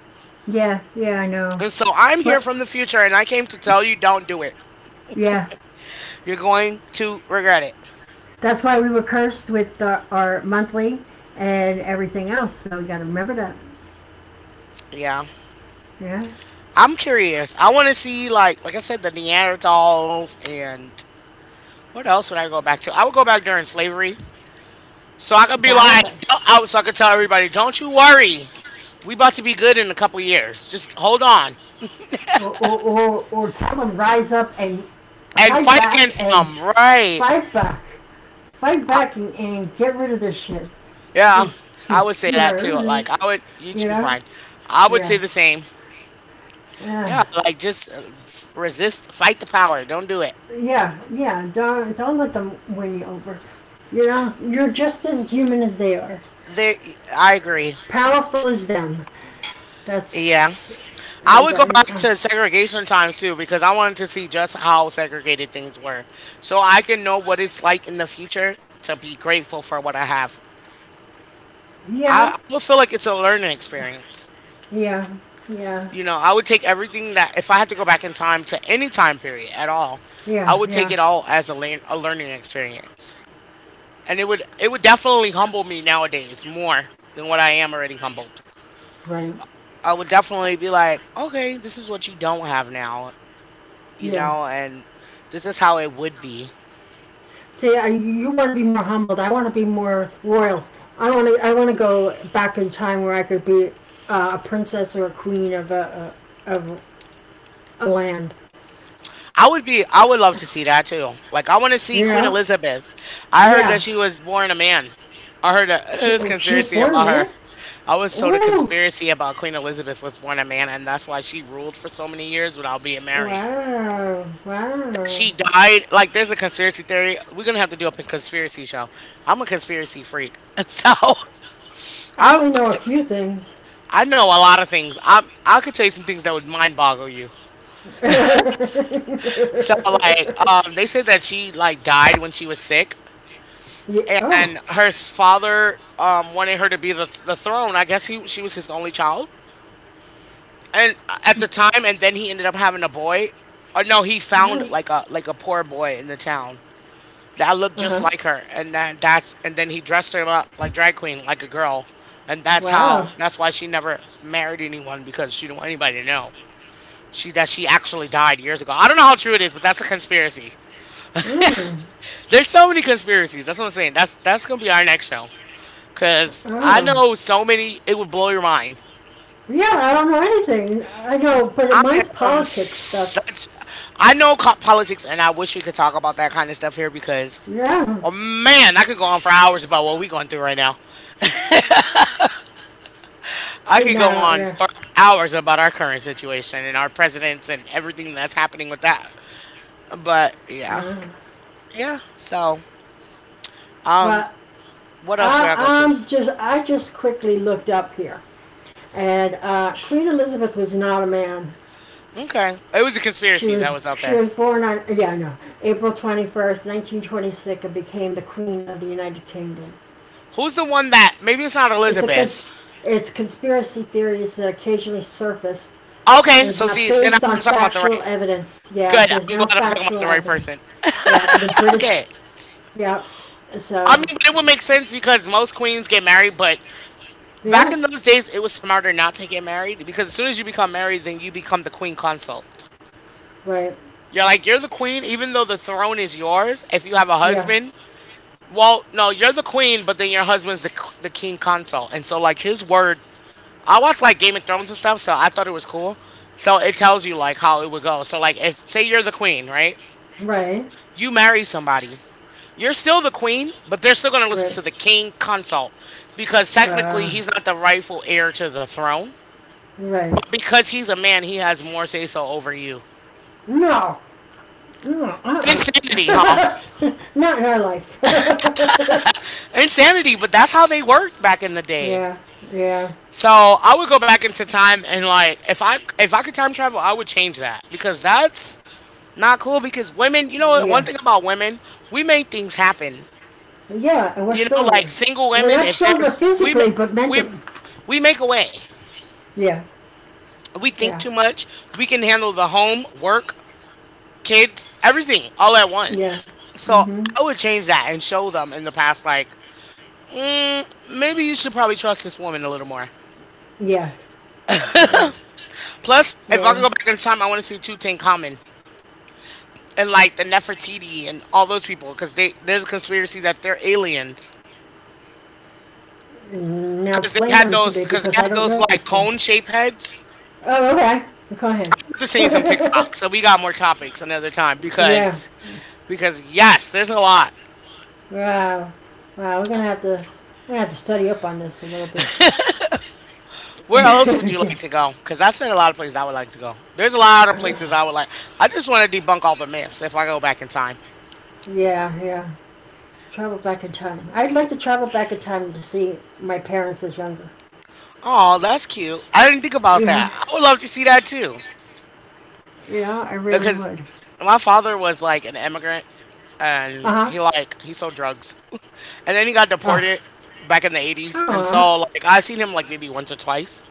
S2: yeah, yeah. I know,
S1: And so I'm here
S2: but
S1: from the future, and I came to tell you, don't do it.
S2: yeah,
S1: You're going to regret it.
S2: that's why we were cursed with our monthly and everything else. So you got to remember that.
S1: Yeah.
S2: Yeah.
S1: I'm curious. I want to see, like I said, the Neanderthals and what else would I go back to? I would go back during slavery, so I could be
S2: That I
S1: like,
S2: th-
S1: don't- I, so I could tell everybody, don't you worry, we about to be good in a couple years. Just hold on
S2: or tell them rise up
S1: and fight against
S2: and
S1: them, right?
S2: fight back, fight
S1: I,
S2: back and get rid of this shit. Oh,
S1: yeah,
S2: excuse
S1: I would say that too.
S2: me.
S1: Like I would, you
S2: you
S1: should be
S2: know
S1: fine. I would say
S2: yeah,
S1: the same. Yeah,
S2: yeah,
S1: like just resist, fight the power. Don't do it.
S2: yeah, yeah, don't let them win you over. You know you're just as human as they are,
S1: There, I agree.
S2: powerful as them.
S1: Yeah,
S2: that's uh,
S1: I
S2: that-
S1: would go
S2: uh,
S1: back
S2: uh.
S1: to segregation times too because I wanted to see just how segregated things were. So I can know what it's like in the future to be grateful for what I have.
S2: Yeah,
S1: I would feel like it's a learning experience.
S2: yeah, yeah,
S1: You know, I would take everything that, if I had to go back in time to any time period at all,
S2: yeah,
S1: I would
S2: yeah,
S1: take it all as a learning experience. And it would definitely humble me nowadays more than what I am already humbled.
S2: right,
S1: I would definitely be like, okay, this is what you don't have now. You
S2: yeah.
S1: know, and this is how it would be.
S2: See, you want to be more humbled. I want to be more royal. I want to go back in time where I could be a princess or a queen of a of a land.
S1: I would love to see that too. Like, I want to see
S2: You
S1: Queen
S2: know?
S1: Elizabeth. I heard that
S2: Yeah.
S1: she was born a man. <laughs>
S2: She,
S1: This
S2: oh, she was
S1: conspiracy
S2: born a
S1: about her.
S2: man.
S1: I was told a
S2: Ooh.
S1: conspiracy about Queen Elizabeth was born a man, and that's why she ruled for so many years without being married.
S2: Wow. Wow.
S1: She died. Like, there's a conspiracy theory. We're gonna have to do a conspiracy show. I'm a conspiracy freak, <laughs> so
S2: I
S1: I
S2: only know a few things.
S1: I know a lot of things. I could tell you some things that would mind boggle you.
S2: <laughs> yeah.
S1: So like they said that she like died when she was sick
S2: Oh.
S1: and her father wanted her to be the throne. I guess he she was his only child. And at the time and then he ended up having a boy. Or no, he found
S2: No.
S1: like a poor boy in the town that looked just
S2: Uh-huh.
S1: like her and that that's and then he dressed her up like drag queen like a girl. And
S2: Wow.
S1: that's why she never married anyone because she didn't want anybody to know. She that she actually died years ago. I don't know how true it is, but that's a conspiracy.
S2: Mm.
S1: There's so many conspiracies. That's what I'm saying. That's gonna be our next show. Cause I
S2: Oh.
S1: know so many, it would blow your mind.
S2: Yeah, I don't know anything. I know, but
S1: I
S2: mine's
S1: am
S2: politics stuff.
S1: such. I know politics, and I wish we could talk about that kind of stuff here because,
S2: Yeah.
S1: oh man, I could go on for hours about what we're going through right now. I could
S2: See
S1: go
S2: now,
S1: on for
S2: yeah.
S1: hours about our current situation and our presidents and everything that's happening with that. But
S2: Uh,
S1: yeah. So, um,
S2: well,
S1: what else would
S2: I,
S1: I go to?
S2: I'm just, I just quickly looked up here, and Queen Elizabeth was not a man.
S1: Okay, it was a
S2: She
S1: conspiracy
S2: was,
S1: that was out
S2: she
S1: there.
S2: was born on, yeah, I know, April 21st, 1926, and became the Queen of the United Kingdom.
S1: Who's the one that maybe it's not
S2: It's a
S1: Elizabeth?
S2: cons- it's conspiracy theories that occasionally surfaced.
S1: Okay,
S2: It's
S1: so see,
S2: not
S1: then
S2: based
S1: I'm
S2: on
S1: talking about the right.
S2: factual evidence. Yeah,
S1: Good.
S2: there's
S1: I'm glad
S2: no
S1: I'm talking about
S2: factual
S1: the right
S2: evidence.
S1: person.
S2: Yeah, and the
S1: <laughs>
S2: British.
S1: Okay.
S2: Yeah,
S1: I mean,
S2: so
S1: but it would make sense because most queens get married, but back
S2: yeah,
S1: in those days, it was smarter not to get married because as soon as you become married, then you become the queen consort.
S2: right.
S1: You're the queen, even though the throne is yours. If you have a
S2: Yeah.
S1: husband, well, no, you're the queen, but then your husband's the king consort. And so, like, his word, I watched like Game of Thrones and stuff, so I thought it was cool. So it tells you like how it would go. So, like, if say you're the queen, right?
S2: Right.
S1: You marry somebody. You're still the queen, but they're still going to listen
S2: Right.
S1: to the king consult because technically
S2: Uh,
S1: he's not the rightful heir to the throne.
S2: right.
S1: But because he's a man, he has more say so over you.
S2: No. No.
S1: Insanity, huh?
S2: <laughs> Not in our life. <laughs>
S1: Insanity, but that's how they worked back in the day.
S2: yeah. Yeah.
S1: So I would go back into time and like if I could time travel, I would change that because that's not cool. Because women, you know, what? One
S2: Yeah.
S1: thing about women, we make things happen.
S2: Yeah, and we're
S1: You know,
S2: stronger.
S1: like single
S2: We're
S1: women,
S2: not
S1: if
S2: stronger
S1: there's we ma-
S2: physically, but
S1: we
S2: mentally.
S1: we make a way.
S2: Yeah.
S1: We think
S2: Yeah.
S1: too much. We can handle the home, work, kids, everything all at
S2: Yeah.
S1: once. So
S2: Mhm.
S1: I would change that and show them in the past, like, maybe you should probably trust this woman a little more.
S2: Yeah. Yeah.
S1: Plus, if I
S2: Yeah.
S1: could go back in time, I want to see Tutankhamun and like the Nefertiti and all those people because they there's a conspiracy that they're aliens
S2: Now
S1: because they
S2: explain
S1: had
S2: them to me because I don't
S1: those
S2: know these
S1: like
S2: things.
S1: cone shape heads.
S2: Oh, okay. Go ahead.
S1: I've just seen some TikTok,
S2: <laughs>
S1: so we got more topics another time
S2: yeah.
S1: because yes, there's a lot.
S2: Wow. Wow. We're gonna have to. Study up on this a little bit.
S1: Where else would you like to
S2: <laughs>
S1: go? Because I said a lot of places I would like to go. There's a lot of places I would
S2: yeah.
S1: like. I just want to debunk all the myths if I go back in time.
S2: Yeah. Travel back in time. I'd like to travel back in time to see my parents as younger.
S1: Oh, that's cute. I didn't think about that.
S2: Yeah.
S1: I would love to see that too.
S2: You know, I really
S1: Because
S2: would.
S1: my father was like an immigrant
S2: Uh
S1: and
S2: huh.
S1: he sold drugs. <laughs> And then he got
S2: Oh.
S1: deported back in the 80s. And
S2: Aw.
S1: so like I seen him like maybe once or twice.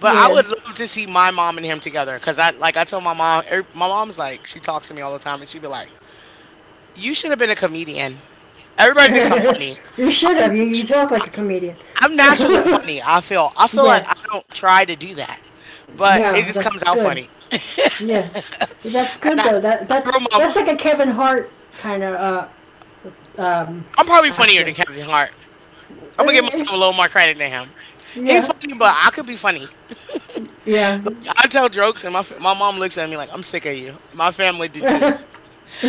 S1: But I would
S2: Yeah.
S1: love to see my mom and him together because I tell my mom, my mom's like she talks to me all the time and she'd be like, "You should have been a comedian."
S2: <laughs>
S1: Everybody thinks I'm funny.
S2: You should
S1: I'm
S2: have. You
S1: nat-
S2: talk
S1: I-
S2: like a comedian.
S1: I'm
S2: <laughs>
S1: naturally funny. I feel like
S2: yeah.
S1: I don't try to do that, but it
S2: No,
S1: just comes
S2: that's
S1: out
S2: good.
S1: funny. <laughs> and
S2: Yeah, that's
S1: I,
S2: good though. That
S1: I
S2: that's
S1: wrote my,
S2: that's like a Kevin Hart kind of uh, um,
S1: I'm probably funnier
S2: action.
S1: than Kevin Hart. I'm gonna
S2: Uh,
S1: give myself a little
S2: It's-
S1: more credit than him. He
S2: yeah,
S1: funny, but I could be funny.
S2: yeah.
S1: I tell jokes, and my mom looks at me like I'm sick of you. My family do
S2: <laughs>
S1: too.
S2: yeah.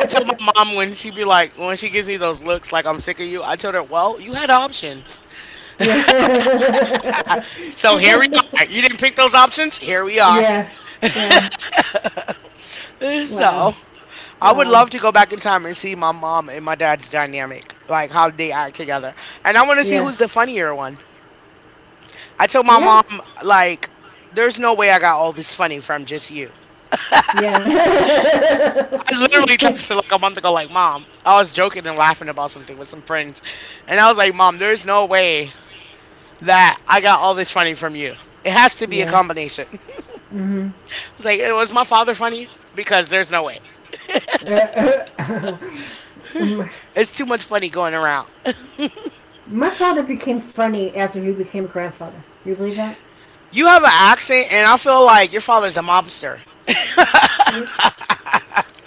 S1: I tell my mom when she be like when she gives me those looks like I'm sick of you. I told her, well, you had options, so here we are.
S2: <laughs>
S1: You didn't pick those options. Here we are.
S2: yeah. Yeah. Wow.
S1: So I would
S2: Wow.
S1: love to go back in time and see my mom and my dad's dynamic, like how they act together. And I want to see
S2: Yeah.
S1: who's the funnier one. I told my
S2: Yeah.
S1: mom, like, there's no way I got all this funny from just you.
S2: Yeah.
S1: I literally
S2: <laughs>
S1: texted like a month ago, like, mom, I was joking and laughing about something with some friends. And I was like, mom, there's no way that I got all this funny from you. It has to be a
S2: yeah.
S1: combination. <laughs> I
S2: hmm
S1: was like, was my father funny? Because there's no way.
S2: my,
S1: It's too much funny going around.
S2: <coughs> my father became funny after he became a grandfather. Do you believe that?
S1: You have an accent, and I feel like your father's a mobster.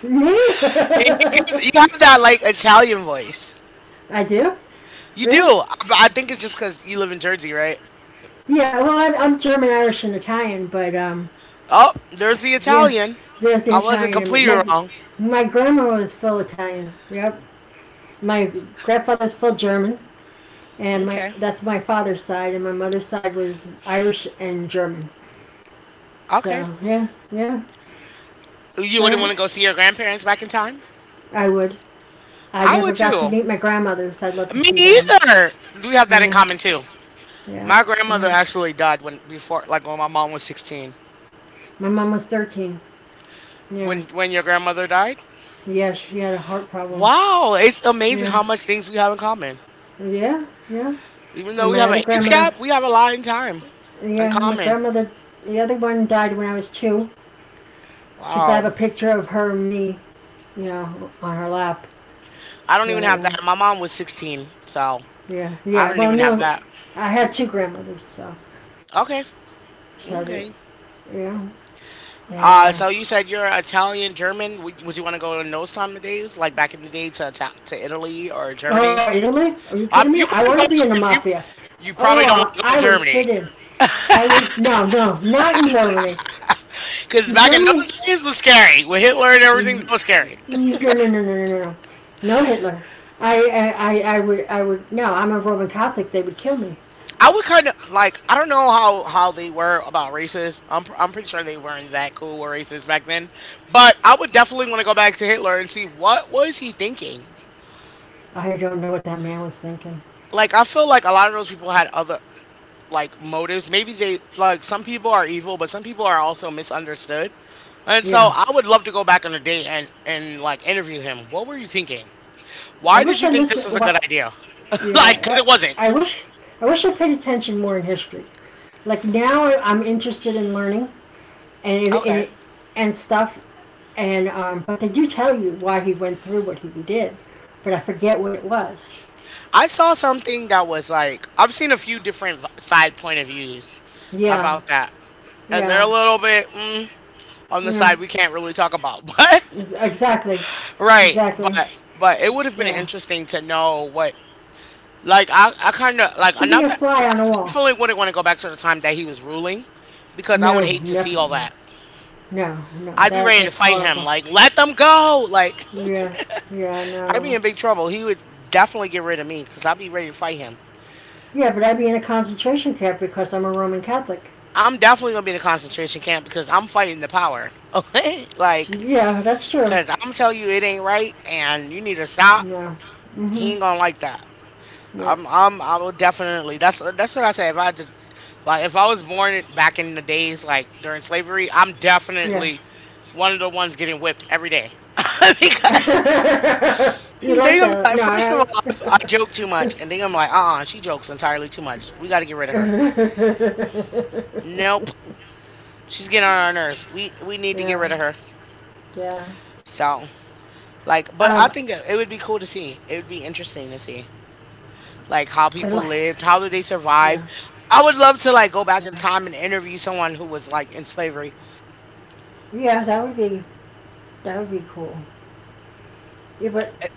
S2: Me?
S1: You have that like Italian voice.
S2: <laughs> I do?
S1: You
S2: Really?
S1: do. But I think it's just because you live in Jersey, right?
S2: Yeah, well, I'm German, Irish, and Italian, but
S1: Oh, there's the
S2: yeah,
S1: Italian.
S2: there's the
S1: I wasn't
S2: Italian, in me.
S1: completely
S2: My
S1: wrong.
S2: my grandma was full Italian. Yep. My grandfather's full German, and my
S1: Okay.
S2: that's my father's side, and my mother's side was Irish and German.
S1: Okay.
S2: So yeah, yeah,
S1: You wouldn't
S2: yeah.
S1: want to go see your grandparents back in time?
S2: I would. I
S1: I
S2: never
S1: would
S2: got to
S1: too.
S2: meet my grandmothers. I'd love to
S1: Me
S2: see them.
S1: either. We have that in
S2: Yeah,
S1: common too.
S2: yeah,
S1: My grandmother
S2: yeah.
S1: actually died when before like when my mom was 16.
S2: My mom was 13. Yeah,
S1: When your grandmother died?
S2: yeah. She had a heart problem.
S1: Wow, it's amazing how
S2: Yeah,
S1: much things we have in common.
S2: yeah, yeah.
S1: Even though
S2: And
S1: we
S2: my
S1: have
S2: other
S1: an age
S2: grandmother.
S1: gap, we have a lot in time.
S2: Yeah, my
S1: Uncommon.
S2: grandmother. The other one died when I was two because I have a
S1: Wow.
S2: picture of her and me, on her lap.
S1: I don't even
S2: But
S1: have that.
S2: uh,
S1: My mom was 16, so
S2: yeah,
S1: I
S2: yeah.
S1: don't
S2: Well,
S1: even have
S2: no,
S1: that.
S2: I had two grandmothers, so
S1: Okay.
S2: so they-
S1: Okay.
S2: yeah. And
S1: So you said you're Italian, German. Would you want to go in those time of days, like back in the day, to to Italy or Germany?
S2: Oh, Italy? Are you kidding me?
S1: You
S2: I
S1: probably
S2: want to
S1: don't.
S2: be in the
S1: You
S2: mafia.
S1: you probably don't want
S2: Oh,
S1: to go to
S2: I would
S1: Germany
S2: fit in. I would. No, no, not in Germany.
S1: because
S2: In
S1: back in those
S2: Germany,
S1: days was scary with Hitler and
S2: no, no,
S1: everything. That was scary.
S2: no, no, no, no, no Hitler. I, I, I would, I would. No, I'm a Roman Catholic. They would kill me.
S1: I would kind of like I don't know how they were about races. I'm pretty sure they weren't that cool with races back then. But I would definitely want to go back to Hitler and see what was he thinking.
S2: I don't know what that man was thinking.
S1: Like I feel like a lot of those people had other like motives. Maybe they like some people are evil, but some people are also misunderstood. And so
S2: Yeah,
S1: I would love to go back on a date and interview him. What were you thinking?
S2: I
S1: Why
S2: wish
S1: did
S2: I
S1: you think
S2: listened.
S1: this was a good
S2: What?
S1: idea? <laughs> like cuz it
S2: Yeah,
S1: wasn't.
S2: I wish. I wish I paid attention more in history. Like now, am interested in learning and
S1: Okay.
S2: and, and stuff. And But they do tell you why he went through what he did, but I forget what it was.
S1: I saw something that was like I've seen a few different side point of views
S2: Yeah,
S1: about that, and they're a
S2: yeah,
S1: little bit mm, on the
S2: yeah.
S1: side we can't really talk about, <laughs> but
S2: Exactly,
S1: right,
S2: exactly.
S1: but it would have been
S2: Yeah.
S1: interesting to know what like I kind of like
S2: To be
S1: not
S2: a
S1: that I
S2: fly on the wall.
S1: definitely wouldn't want to go back to the time that he was ruling because I would
S2: No,
S1: hate to see
S2: never.
S1: all that.
S2: No, no.
S1: I'd be
S2: That
S1: ready to
S2: that's
S1: fight him.
S2: horrible.
S1: Like, let them go. Like,
S2: Yeah, yeah.
S1: <laughs> I'd be
S2: No,
S1: in big trouble. He would definitely get rid of me because I'd be ready to fight him.
S2: yeah, but I'd be in a concentration camp because I'm a Roman Catholic.
S1: I'm definitely gonna be in a concentration camp because I'm fighting the power. Okay, <laughs> like,
S2: Yeah, that's true.
S1: cause I'm telling you it ain't right, and you need to stop.
S2: Yeah.
S1: He ain't
S2: Mhm.
S1: gonna like that.
S2: Yeah.
S1: I will definitely. That's what I say. If I just, Like, if I was born back in the days, like during slavery, I'm
S2: Yeah.
S1: definitely one of the ones getting whipped every day <laughs> because.
S2: <laughs> You
S1: They
S2: like
S1: gonna
S2: that?
S1: be like,
S2: No.
S1: first of all, I joke too much, and they gonna be like, she jokes entirely too much. We got to get rid of her. Nope,
S2: <laughs>
S1: she's getting on our nerves. We need to get rid of
S2: Yeah.
S1: her.
S2: Yeah.
S1: So like, but I
S2: Um.
S1: think it would be cool to see. It would be interesting to see, like how
S2: I
S1: people lived, how did
S2: li-
S1: they survive.
S2: yeah.
S1: I would love to like go back in time
S2: Yeah.
S1: and interview someone who was like in slavery.
S2: Yeah. That would be. That would be cool. Yeah, but
S1: Eh,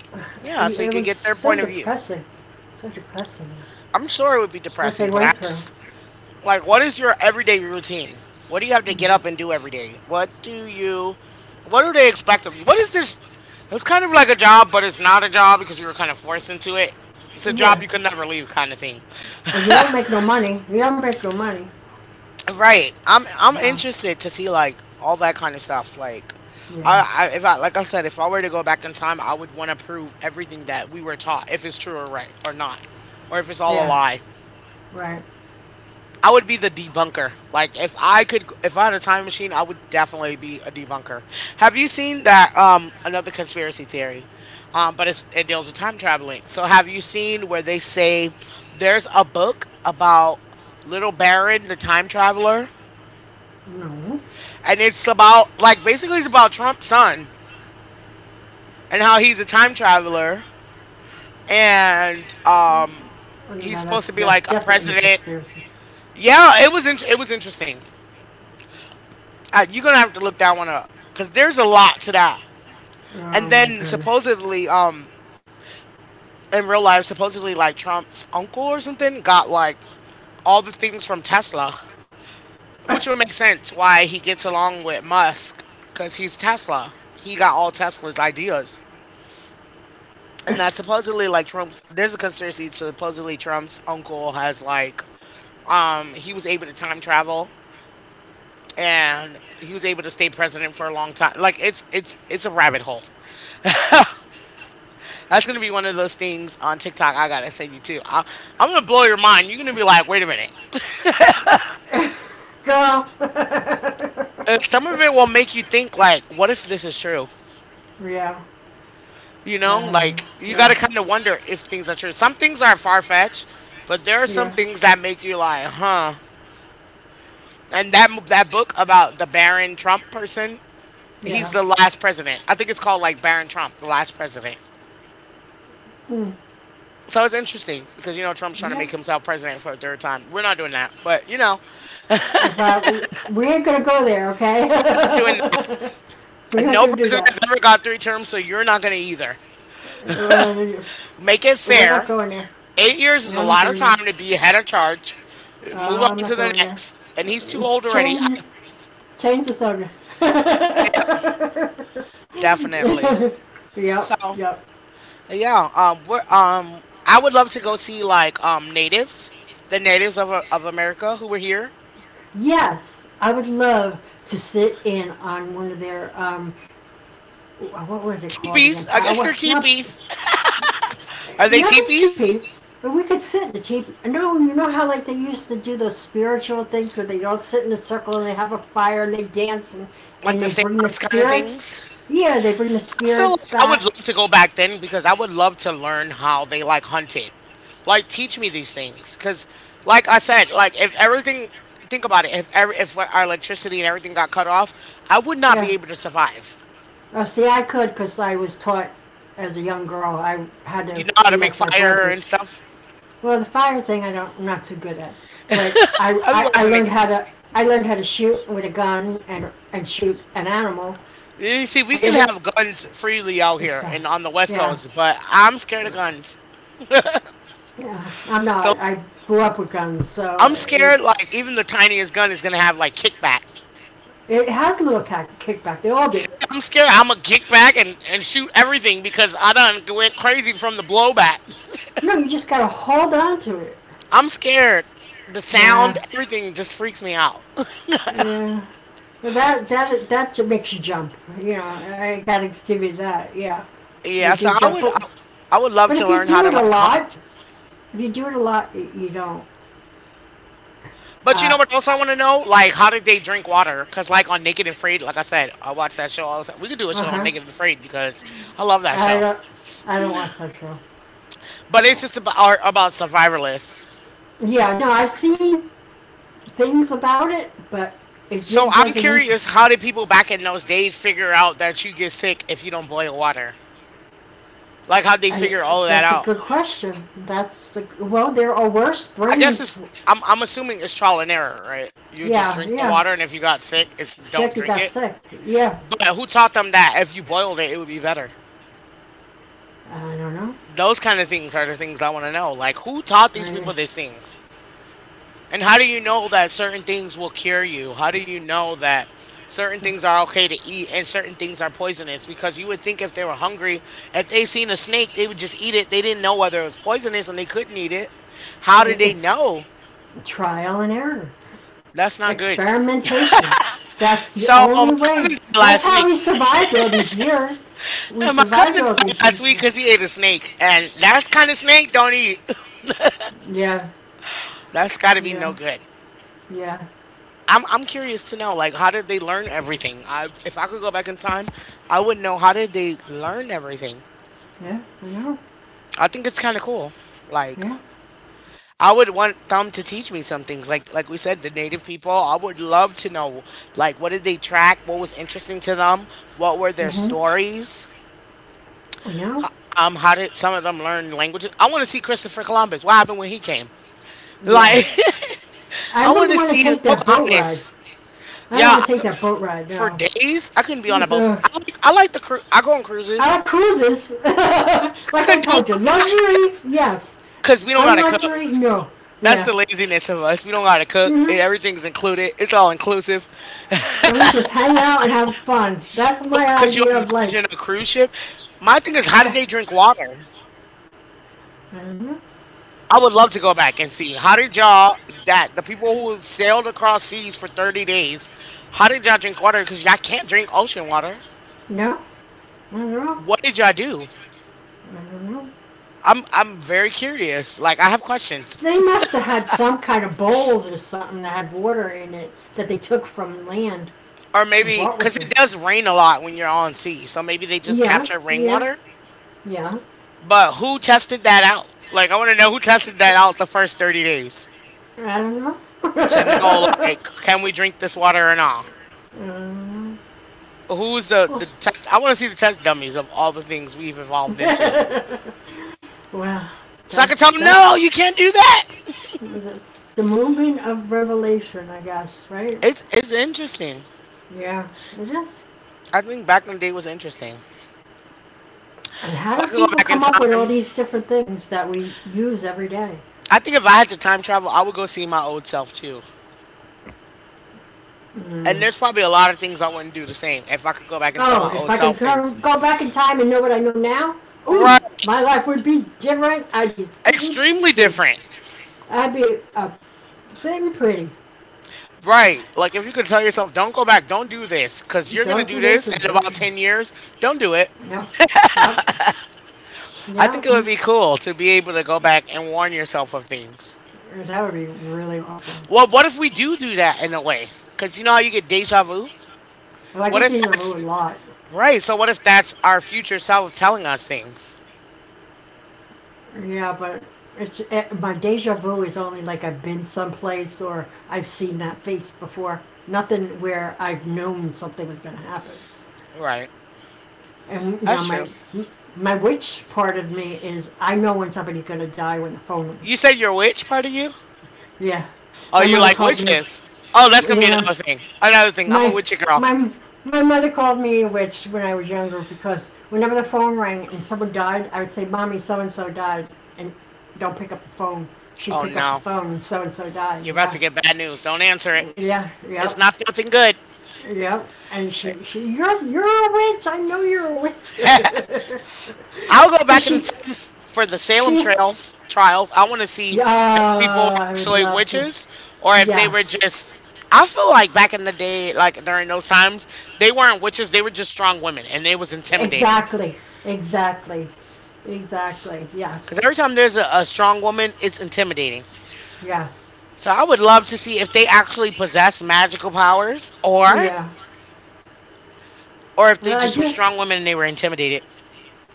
S1: Yeah, so you
S2: it
S1: could
S2: was
S1: get their
S2: so
S1: point of view.
S2: depressing. So depressing.
S1: I'm sure it would be
S2: What they
S1: depressing, but
S2: went
S1: I
S2: through.
S1: just like, what is your everyday routine? What do you have to get up and do every day? What do they expect of you? What is this? It's kind of like a job, but it's not a job because you were kind of forced into it. It's a job
S2: Yeah,
S1: you can never leave, kind of thing.
S2: you don't make no money. You don't make no money.
S1: Right. I'm
S2: Well,
S1: interested to see like all that kind of stuff. Like
S2: yeah,
S1: I, I if I like I said, if I were to go back in time, I would want to prove everything that we were taught, if it's true or right or not. Or if it's all a
S2: yeah,
S1: lie.
S2: right.
S1: I would be the debunker. Like if I could if I had a time machine, I would definitely be a debunker. Have you seen that another conspiracy theory? But it deals with time traveling. So have you seen where they say there's a book about Little Baron the time traveler?
S2: No,
S1: And it's about like basically it's about Trump's son and how he's a time traveler and
S2: no,
S1: he's supposed to
S2: that's
S1: be like
S2: def-
S1: a
S2: definitely
S1: president.
S2: conspiracy.
S1: Yeah, it was interesting. You're gonna have to look that one up because there's a lot to that. And
S2: Oh my
S1: then
S2: goodness.
S1: supposedly, in real life, supposedly like Trump's uncle or something got like all the things from Tesla, which would make sense why he gets along with Musk because he's Tesla. He got all Tesla's ideas.
S2: <laughs>
S1: And that supposedly like Trump's There's a conspiracy supposedly Trump's uncle has like he was able to time travel and he was able to stay president for a long time. Like it's a rabbit hole. That's gonna be one of those things on TikTok. I gotta send you too. I'm gonna blow your mind. You're gonna be like, wait a minute.
S2: Girl. <laughs>
S1: Some of it will make you think like, what if this is true?
S2: yeah.
S1: You know,
S2: Um,
S1: like you
S2: yeah.
S1: gotta kind of wonder if things are true. Some things are far fetched, but there are
S2: Yeah.
S1: some things that make you like, huh? And that book about the Barron Trump person, he's
S2: Yeah.
S1: the last president. I think it's called like Barron Trump, the last president.
S2: Mm.
S1: So it's interesting because you know Trump's trying to
S2: Yeah.
S1: make himself president for a third time. We're not doing that, but you know
S2: If I, we ain't gonna go there, okay?
S1: we're not doing
S2: <laughs> We
S1: that.
S2: aren't
S1: No
S2: gonna do
S1: president
S2: that.
S1: has ever got three terms, so you're not going to either.
S2: Uh,
S1: Make it
S2: We're not
S1: fair.
S2: going there.
S1: 8 years is a
S2: I'm not
S1: lot of
S2: going there.
S1: time to be head of charge. Move on
S2: I'm not
S1: to the
S2: going there.
S1: next, and he's too old already.
S2: Change, change the subject. <laughs>
S1: Definitely.
S2: Yep,
S1: So
S2: yep.
S1: yeah, I would love to go see like natives, the natives of America who were here.
S2: Yes, I would love to sit in on one of their what was it called again?
S1: Teepees, I guess
S2: Power?
S1: they're
S2: No,
S1: teepees. Are they
S2: not the
S1: teepees?
S2: teepee. But we could sit in the teepee. No, you know how like they used to do those spiritual things where they don't sit in a circle and they have a fire and they dance,
S1: Like
S2: and
S1: the
S2: they bring the
S1: seance kind of
S2: spirits.
S1: things.
S2: Yeah, they bring the
S1: I feel like
S2: spirits
S1: I would love
S2: back.
S1: to go back then because I would love to learn how they like hunted. Like teach me these things because, like I said, like if everything, think about it. If our electricity and everything got cut off, I would not be
S2: Yeah.
S1: able to survive.
S2: Oh, see, I could because I was taught as a young girl. I had
S1: You
S2: to
S1: know how
S2: be
S1: to make
S2: like my
S1: fire and
S2: brothers.
S1: stuff.
S2: Well, the fire thing I don't, I'm not too good at, but
S1: I'll be
S2: I
S1: watching it.
S2: learned how to shoot with a gun and shoot an animal.
S1: You see,
S2: I
S1: we can
S2: never
S1: have guns freely out
S2: it's
S1: here
S2: the,
S1: and on the West
S2: yeah,
S1: Coast, but I'm scared of guns.
S2: yeah. I'm
S1: So
S2: not I
S1: like,
S2: grew up with guns, so
S1: I'm
S2: it,
S1: scared
S2: it's
S1: like even the tiniest gun is gonna have like kickback.
S2: it has a little kickback. They all do.
S1: See, I'm scared I'm gonna kick back and shoot everything because I done went crazy from the blowback. <laughs>
S2: No, you just gotta hold on to it.
S1: I'm scared. The
S2: Nah,
S1: sound, everything just freaks me out. <laughs>
S2: yeah. Well, that that makes you jump, you know. I gotta give you that, yeah.
S1: Yeah,
S2: They do
S1: so
S2: jump,
S1: I would love
S2: but
S1: to
S2: if you
S1: learn
S2: do
S1: how to
S2: it a
S1: like
S2: lot,
S1: hunt.
S2: if you do it a lot, you know,
S1: But you know
S2: uh,
S1: what else I want to know? Like, how did they drink water? Because, like, on Naked and Afraid, like I said, I watch that show all the time. We could do a show on
S2: uh-huh.
S1: Naked and Afraid because I love that show.
S2: I don't watch that show.
S1: But it's just about, are about survivalists.
S2: Yeah, no, I've seen things about it, but
S1: So I'm
S2: doesn't interest
S1: curious,
S2: me.
S1: how did people back in those days figure out that you get sick if you don't boil water? Like, how'd they figure all of that
S2: That's a
S1: out?
S2: good question. Well, there are worse
S1: I guess
S2: springs.
S1: it's, I'm assuming it's trial and error, right? You just
S2: Yeah,
S1: drink the
S2: yeah.
S1: water, and if you got sick, it's don't
S2: He
S1: drink
S2: got
S1: it.
S2: sick. Yeah.
S1: But who taught them that if you boiled it, it would be better?
S2: I don't know.
S1: Those kind of things are the things I want to know. Like, who taught these people
S2: Maybe.
S1: these things? And how do you know that certain things will cure you? How do you know that certain things are okay to eat and certain things are poisonous? Because you would think if they were hungry, if they seen a snake, they would just eat it. They didn't know whether it was poisonous and they couldn't eat it. How did they
S2: It's
S1: know?
S2: trial and error,
S1: That's not good.
S2: experimentation. That's the
S1: So my
S2: only
S1: cousin
S2: way.
S1: died
S2: That's
S1: last
S2: how
S1: week.
S2: we survived all these years. We
S1: And my
S2: survived
S1: cousin
S2: all
S1: died
S2: these
S1: last
S2: years.
S1: week because he ate a snake, and that's kind of snake don't eat. <laughs>
S2: Yeah,
S1: That's got to be no
S2: yeah.
S1: good.
S2: Yeah,
S1: I'm curious to know like how did they learn everything? I if I could go back in time, I would know how did they learn everything.
S2: yeah, I know.
S1: I think it's kind of cool. Like
S2: Yeah.
S1: I would want them to teach me some things. Like we said, the native people. I would love to know like what did they track? What was interesting to them? What were their
S2: Mm-hmm.
S1: stories?
S2: I know.
S1: How did some of them learn languages? I want to see Christopher Columbus. What happened when he came?
S2: Yeah.
S1: Like <laughs>
S2: I
S1: I want
S2: wouldn't
S1: to
S2: want to
S1: see
S2: take that boat ride.
S1: Pocahontas.
S2: I don't
S1: Yeah,
S2: want to take
S1: I-
S2: that boat ride,
S1: for
S2: no.
S1: days I couldn't be on a boat.
S2: Ugh.
S1: I like I go on cruises.
S2: I like cruises. <laughs> Like
S1: Could
S2: I
S1: do
S2: told you, luxury, yes.
S1: because we don't gotta cook.
S2: Unluxury, no.
S1: That's the
S2: Yeah.
S1: laziness of us. We don't gotta cook.
S2: Hmm.
S1: Everything's included. It's all inclusive.
S2: And we just hang out and have fun. That's my
S1: But could you
S2: idea of life.
S1: imagine a cruise ship? My thing is, how did
S2: Eh,
S1: they drink water?
S2: I don't know.
S1: I would love to go back and see how did y'all that the people who sailed across seas for 30 days, how did y'all drink water? Because y'all can't drink ocean water.
S2: No, I don't know.
S1: What did y'all do?
S2: I don't know.
S1: I'm very curious. Like I have questions,
S2: They must have had some kind of bowls or something that had water in it that they took from land
S1: or
S2: and
S1: maybe
S2: brought
S1: because
S2: with
S1: it
S2: them.
S1: does rain a lot when you're on sea, so maybe they just
S2: Yeah,
S1: capture
S2: yeah,
S1: rainwater.
S2: yeah.
S1: But who tested that out? Like, I want to know who tested that out the first 30 days
S2: I don't know.
S1: to know,
S2: <laughs>
S1: like, can we drink this water or not?
S2: Mm. well,
S1: The test? I want to see the test dummies of all the things we've
S2: <laughs>
S1: evolved into.
S2: well,
S1: So I can tell
S2: that's
S1: them, no,
S2: that's
S1: you can't do that.
S2: that's the movement of revelation, I guess, right?
S1: It's interesting.
S2: Yeah, it is.
S1: I think back in the day was interesting.
S2: And how
S1: If I
S2: do
S1: could go
S2: people
S1: back in
S2: come up with all
S1: time,
S2: these different things that we use every day?
S1: I think if I had to time travel, I would go see my old self too. And
S2: Mm.
S1: there's probably a lot of things I wouldn't do the same if I could go back and tell
S2: Oh,
S1: my
S2: if
S1: old
S2: I
S1: self
S2: could
S1: things.
S2: go back in time and know what I know now, ooh,
S1: Right.
S2: my life would be different. I'd be sitting
S1: Extremely
S2: pretty.
S1: different.
S2: I'd be sitting pretty.
S1: Right. Like if you could tell yourself, don't go back, don't do this, because you're gonna
S2: Don't
S1: do
S2: do this
S1: this
S2: or
S1: in
S2: don't
S1: about
S2: do that.
S1: 10 years, don't do it.
S2: Yep, yep,
S1: I
S2: yep.
S1: think it would be cool to be able to go back and warn yourself of things.
S2: That would be really awesome.
S1: Well, what if we do do that in a way? Because you know how you get deja vu?
S2: Well, I
S1: What
S2: get
S1: if
S2: these a
S1: that's
S2: really lot.
S1: right? So, what if that's our future self telling us things?
S2: Yeah, but my deja vu is only like I've been someplace or I've seen that face before. Nothing where I've known something was going to happen.
S1: Right.
S2: And now
S1: That's true.
S2: my witch part of me is I know when somebody's going to die when the phone
S1: You
S2: rings.
S1: said you're a witch, part of you?
S2: Yeah,
S1: Oh,
S2: my
S1: you
S2: mother
S1: like
S2: called me.
S1: witches? Oh, that's going
S2: Yeah,
S1: to be another thing. Another thing. I'm a witchy
S2: my
S1: girl.
S2: My my mother called me a witch when I was younger because whenever the phone rang and someone died, I would say, "Mommy, so and so died," and don't pick up the phone. She'd
S1: Oh,
S2: pick up the
S1: no.
S2: phone, and so died.
S1: You're about to
S2: Yeah,
S1: get bad news. Don't answer it.
S2: yeah,
S1: It's
S2: yep,
S1: not nothing good.
S2: yep. And you're a witch. I know you're a witch
S1: I'll go
S2: because
S1: back in
S2: <laughs>
S1: time for the Salem
S2: she
S1: trails trials. I want to see
S2: Yeah,
S1: if people were
S2: I would
S1: actually
S2: love to.
S1: witches or if they were just.
S2: Yes.
S1: I feel like back in the day, like during those times, they weren't witches. They were just strong women, and it was intimidating.
S2: Exactly. Exactly. Exactly.
S1: Because every
S2: Yes.
S1: time there's a strong woman, it's intimidating.
S2: Yes.
S1: So I would love to see if they actually possess magical powers, or
S2: Yeah.
S1: or if they
S2: Well, I
S1: just were
S2: do.
S1: strong women and they were intimidated.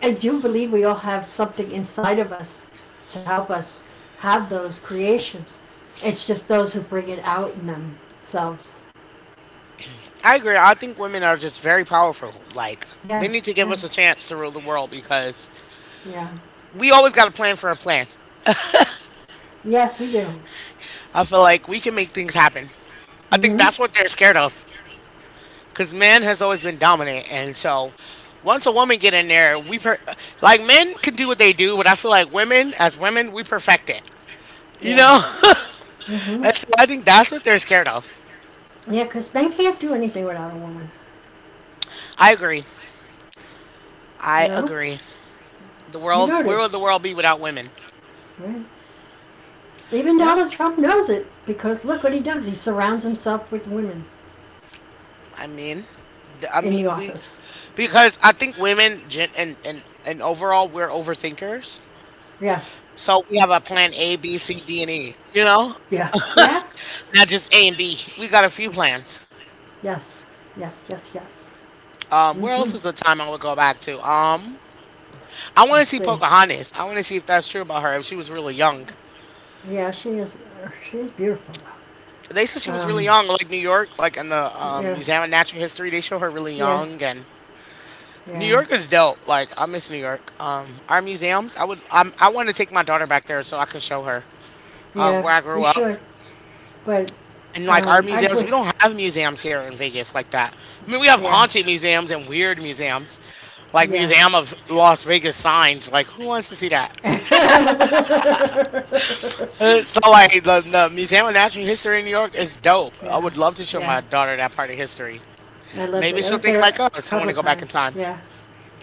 S2: I do believe we all have something inside of us to help us have those creations. It's just those who bring it out in themselves.
S1: I agree. I think women are just very powerful. Like they
S2: Yes.
S1: need to give
S2: Yeah.
S1: us a chance to rule the world because
S2: Yeah.
S1: we always got a plan for a plan.
S2: Yes, we do.
S1: I feel like we can make things happen. I think
S2: Mhm.
S1: that's what they're scared of, because man has always been dominant, and so once a woman get in there, like men can do what they do, but I feel like women, as women, we perfect it. You
S2: Yeah.
S1: know, <laughs>
S2: Mhm.
S1: and so I think that's what they're scared of.
S2: Because men can't do anything without a woman.
S1: I agree.
S2: You
S1: I
S2: know.
S1: agree. The
S2: You
S1: world, where would
S2: notice,
S1: the world be without women?
S2: right? Even
S1: Yeah,
S2: Donald Trump knows it because look what he does. He surrounds himself with women
S1: I mean, I
S2: in the
S1: mean, we
S2: office.
S1: because I think women and overall we're overthinkers.
S2: Yes.
S1: So we have a plan A, B, C, D, and E. You know,
S2: Yeah. Yeah.
S1: not just A and B. We got a few plans.
S2: Yes. Yes. Yes. Yes.
S1: Where
S2: Mhm.
S1: else is the time I would go back to? I want to
S2: Let's
S1: see
S2: see.
S1: Pocahontas. I want to see if that's true about her. If she was really young.
S2: Yeah, she is. She is beautiful.
S1: They said she was really
S2: Um,
S1: young, like New York, like in the
S2: yeah,
S1: Museum of Natural History. They show her really
S2: yeah,
S1: young, and New
S2: yeah,
S1: York is dope. Like I miss New York. Our museums. I would. I want to take my daughter back there so I can show her
S2: yeah.
S1: where I
S2: You
S1: grew up.
S2: should, but
S1: And like our
S2: I'd
S1: museums,
S2: wait.
S1: we don't have museums here in Vegas like that. I mean, we have
S2: Yeah,
S1: haunted museums and weird museums, like
S2: yeah.
S1: Museum of Las Vegas signs. Like, who wants to see that? So,
S2: <laughs>
S1: like, the Museum of Natural History in New York is dope. I
S2: yeah,
S1: would love to show my
S2: yeah.
S1: daughter that part of history.
S2: I loved
S1: Maybe
S2: it. I
S1: she'll
S2: was
S1: think
S2: there
S1: like
S2: a
S1: us and want
S2: couple
S1: to
S2: of
S1: go back in
S2: times.
S1: time.
S2: Yeah,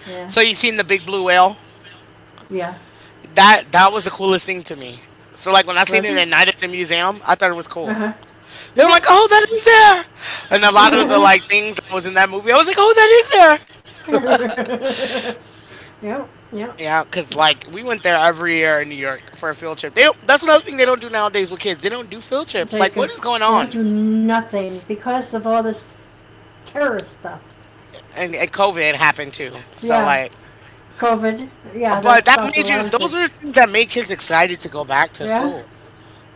S2: yeah,
S1: So, you seen the big blue whale?
S2: yeah.
S1: That was the coolest thing to me. So, like, when I seen
S2: Was
S1: it
S2: it?
S1: at night at the museum, I thought it was
S2: Uh
S1: cool.
S2: huh.
S1: And I'm
S2: Yeah.
S1: like, oh, that is there. And a
S2: <laughs>
S1: lot of the
S2: Yep,
S1: like things that was in that movie, I was like, oh, that is there.
S2: yep.
S1: Yeah, because like we went there every year in New York for a field trip. They don't, that's another thing they don't do nowadays with kids. They don't do field trips. Like,
S2: Take a,
S1: what is going
S2: they don't
S1: on?
S2: do nothing because of all this terrorist stuff.
S1: And COVID happened too. So
S2: Yeah,
S1: like,
S2: COVID. Yeah, that
S1: but that
S2: stopped a
S1: made you.
S2: lot of
S1: Those
S2: things.
S1: are the things that make kids excited to go back to
S2: Yeah,
S1: school.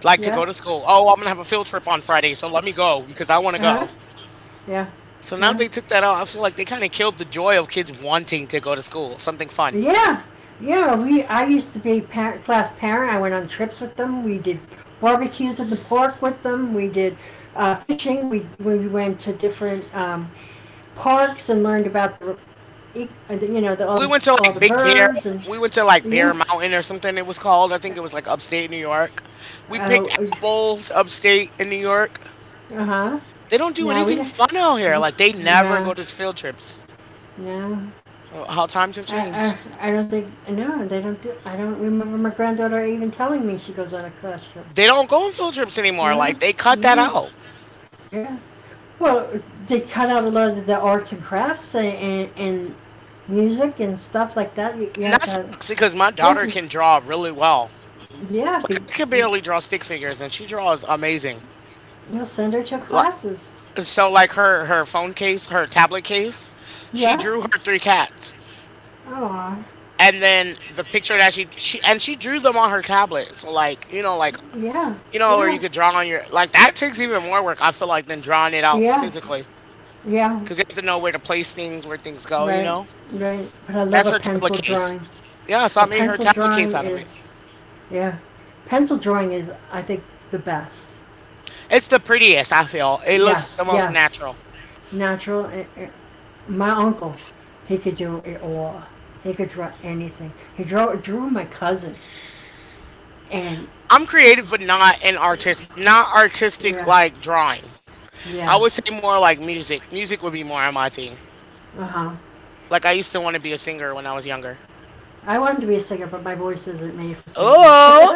S1: Like to
S2: yeah.
S1: go to school. Oh, I'm gonna have a field trip on Friday, so let me go because I want to
S2: Uh
S1: go.
S2: huh. Yeah,
S1: So now
S2: yeah,
S1: they took that out. I feel like they kind of killed the joy of kids wanting to go to school. Something fun.
S2: yeah, yeah. We I used to be a class parent. I went on trips with them. We did barbecues in the park with them. We did fishing. We went to different parks and learned about you know,
S1: We went to
S2: all
S1: like
S2: the
S1: Big Bear.
S2: birds and
S1: We went to like Bear
S2: yeah.
S1: Mountain or something it was called. I think it was like upstate New York. We picked
S2: Oh,
S1: apples upstate in New York.
S2: uh huh.
S1: They don't do
S2: No, we
S1: anything
S2: don't.
S1: fun out here. Like they never
S2: No,
S1: go to field trips.
S2: no.
S1: How times have
S2: I,
S1: changed.
S2: I don't think no. They don't do. I don't remember my granddaughter even telling me she goes on a class trip.
S1: They don't go on field trips anymore.
S2: No,
S1: Like they cut that
S2: no,
S1: out.
S2: yeah. Well, they cut out a lot of the arts and crafts and music and stuff like that. You
S1: And
S2: have
S1: that
S2: to
S1: sucks
S2: have.
S1: because my
S2: You have
S1: daughter
S2: to.
S1: can draw really well. Like
S2: You
S1: I can barely draw stick figures and she draws amazing.
S2: know, send her to
S1: Like
S2: classes.
S1: so like her phone case, her tablet case, she
S2: Yeah.
S1: drew her three cats.
S2: Oh,
S1: And then the picture that she and she drew them on her tablet. So like
S2: yeah,
S1: you know where you
S2: yeah,
S1: could draw on your like that takes even more work. I feel like than drawing it out
S2: yeah,
S1: physically
S2: yeah.
S1: because you have to know where to place things, where things go. You
S2: Right,
S1: know
S2: right. But I love
S1: that's
S2: a
S1: her tablet
S2: pencil
S1: case.
S2: drawing.
S1: Yeah, so
S2: A
S1: I made her
S2: pencil
S1: tablet case
S2: drawing
S1: out of it.
S2: is, yeah, pencil drawing is, I think, the best.
S1: It's the prettiest. I feel it looks the
S2: Yes,
S1: most natural.
S2: yes. Natural. My uncle, he could do it all. He could draw anything. He drew my cousin, and
S1: I'm creative, but not an artist. Not artistic
S2: yeah,
S1: like drawing. I
S2: yeah.
S1: would say more like music. Music would be more my thing.
S2: Uh huh.
S1: Like I used to want to be a singer when I was younger.
S2: I wanted to be a singer, but my voice isn't made for singing. <laughs>
S1: Oh,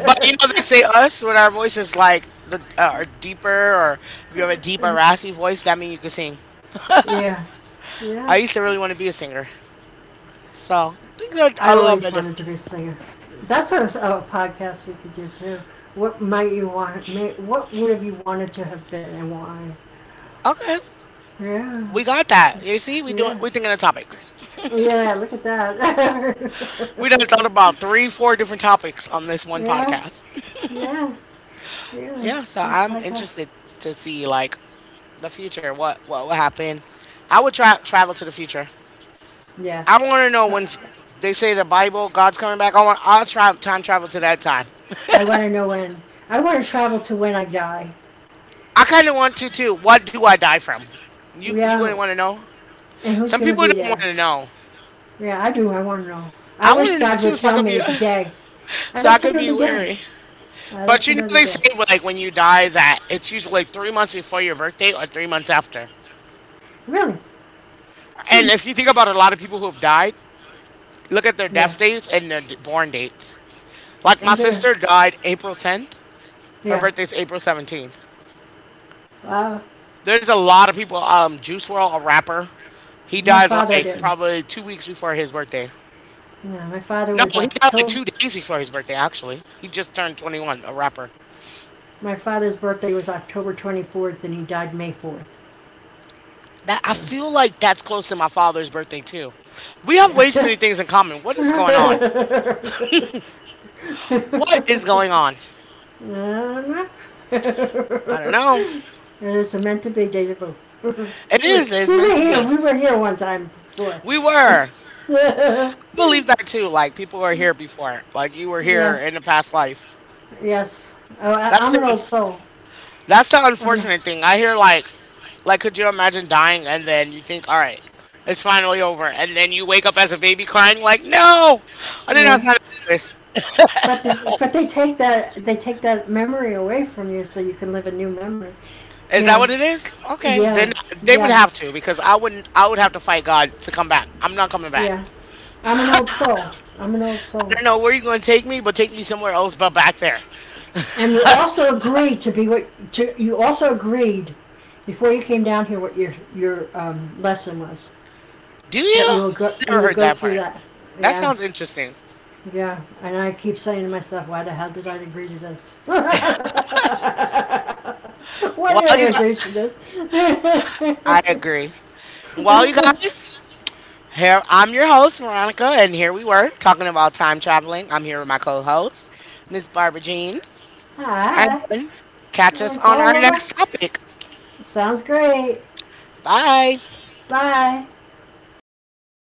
S1: but you know, they say us when our voice is like the are deeper, or if you have a deep or raspy voice, that means you can sing.
S2: yeah,
S1: I
S2: yeah.
S1: used to really want to be a singer, so things are
S2: I
S1: a little
S2: always
S1: bit
S2: wanted
S1: different.
S2: to be a singer. That's what a podcast we could do too. What might you want? What would have you wanted to have been, and why?
S1: Okay,
S2: Yeah,
S1: we got that. You see,
S2: yeah,
S1: we thinking of topics.
S2: yeah. Look at
S1: We done
S2: that.
S1: thought about three, four different topics on this
S2: <laughs>
S1: one
S2: yeah,
S1: podcast.
S2: yeah, yeah.
S1: Yeah, so
S2: These
S1: I'm
S2: podcasts.
S1: interested to see like the future. What will happen? I would try travel to the future.
S2: Yeah.
S1: I want to know when they say the Bible, God's coming back. I'll try time travel to that time.
S2: I want to know when. I want to travel to when I die.
S1: I kind of want to too. What do I die from? You
S2: Yeah,
S1: wouldn't want to know.
S2: and who's
S1: Some
S2: going to
S1: people
S2: be
S1: don't want
S2: there?
S1: to know.
S2: Yeah, I do. I want to know. I
S1: I want
S2: wish
S1: to know
S2: God would
S1: too, so I
S2: tell
S1: can
S2: me
S1: be
S2: the
S1: <sighs>
S2: day.
S1: <laughs>
S2: I'd
S1: so
S2: like
S1: I
S2: to
S1: can
S2: know
S1: be
S2: the day.
S1: wary.
S2: I'd like
S1: But
S2: to
S1: you know
S2: know the
S1: they say
S2: day.
S1: like when you die that it's usually like 3 months before your birthday or 3 months after.
S2: Really? Hmm.
S1: And if you think about a lot of people who have died, look at their
S2: Yeah.
S1: death dates and their born dates. Like
S2: I'm
S1: my
S2: gonna.
S1: sister died April 10th. Her
S2: Yeah.
S1: birthday's April 17th.
S2: Uh,
S1: There's a lot of people. Juice World, a rapper, he
S2: my
S1: died
S2: father
S1: like
S2: didn't.
S1: probably 2 weeks before his birthday.
S2: Yeah, my father
S1: No,
S2: was
S1: he died like
S2: October.
S1: 2 days before his birthday. Actually, he just turned 21. A rapper.
S2: My father's birthday was October 24th, and he died May 4th.
S1: That I
S2: So,
S1: feel like that's close to my father's birthday too. We have way too many
S2: yeah.
S1: things in common. What is going on?
S2: <laughs>
S1: What is going on?
S2: Uh-huh.
S1: I don't know.
S2: There's a <laughs> meant to be deja vu. <laughs>
S1: It is. It's
S2: We
S1: meant
S2: were
S1: to
S2: here.
S1: be.
S2: We were here one time before.
S1: We were. I
S2: <laughs> yeah.
S1: believe that too. Like people were here before. Like you were here in the past life.
S2: Yes. Oh,
S1: That's
S2: I'm
S1: the
S2: an old soul.
S1: that's the
S2: I'm an Old
S1: unfortunate thing. I hear like could you imagine dying and then you think, all right, it's finally over, and then you wake up as a baby crying like, no, I did not
S2: yeah.
S1: sign up for this.
S2: But but they take that memory away from you, so you can live a new memory.
S1: Is that what
S2: Now,
S1: it is? Okay, then
S2: yes,
S1: they would have to
S2: yes,
S1: because I wouldn't. I would have to fight God to come back. I'm not coming back.
S2: yeah. I'm an old soul. I'm an old
S1: I
S2: soul.
S1: don't know where you're going to take me, but take me somewhere else, but back there.
S2: And you also agreed to be what you also agreed before you came down here what your lesson was
S1: Do
S2: that
S1: you?
S2: you
S1: Never
S2: would
S1: heard
S2: go
S1: that
S2: through
S1: part.
S2: that.
S1: That
S2: Yeah,
S1: sounds interesting.
S2: yeah, and I keep saying to myself, why the hell did I agree to this? <laughs> Why did
S1: While
S2: I
S1: you got,
S2: agree to this?
S1: I agree. While you
S2: <laughs>
S1: guys, here I'm your host Veronica, and here we were talking about time traveling. I'm here with my co-host Miss Barbara Jean,
S2: Hi,
S1: and catch us
S2: it's
S1: on
S2: all
S1: our
S2: over.
S1: next topic.
S2: Sounds great.
S1: Bye.
S2: Bye.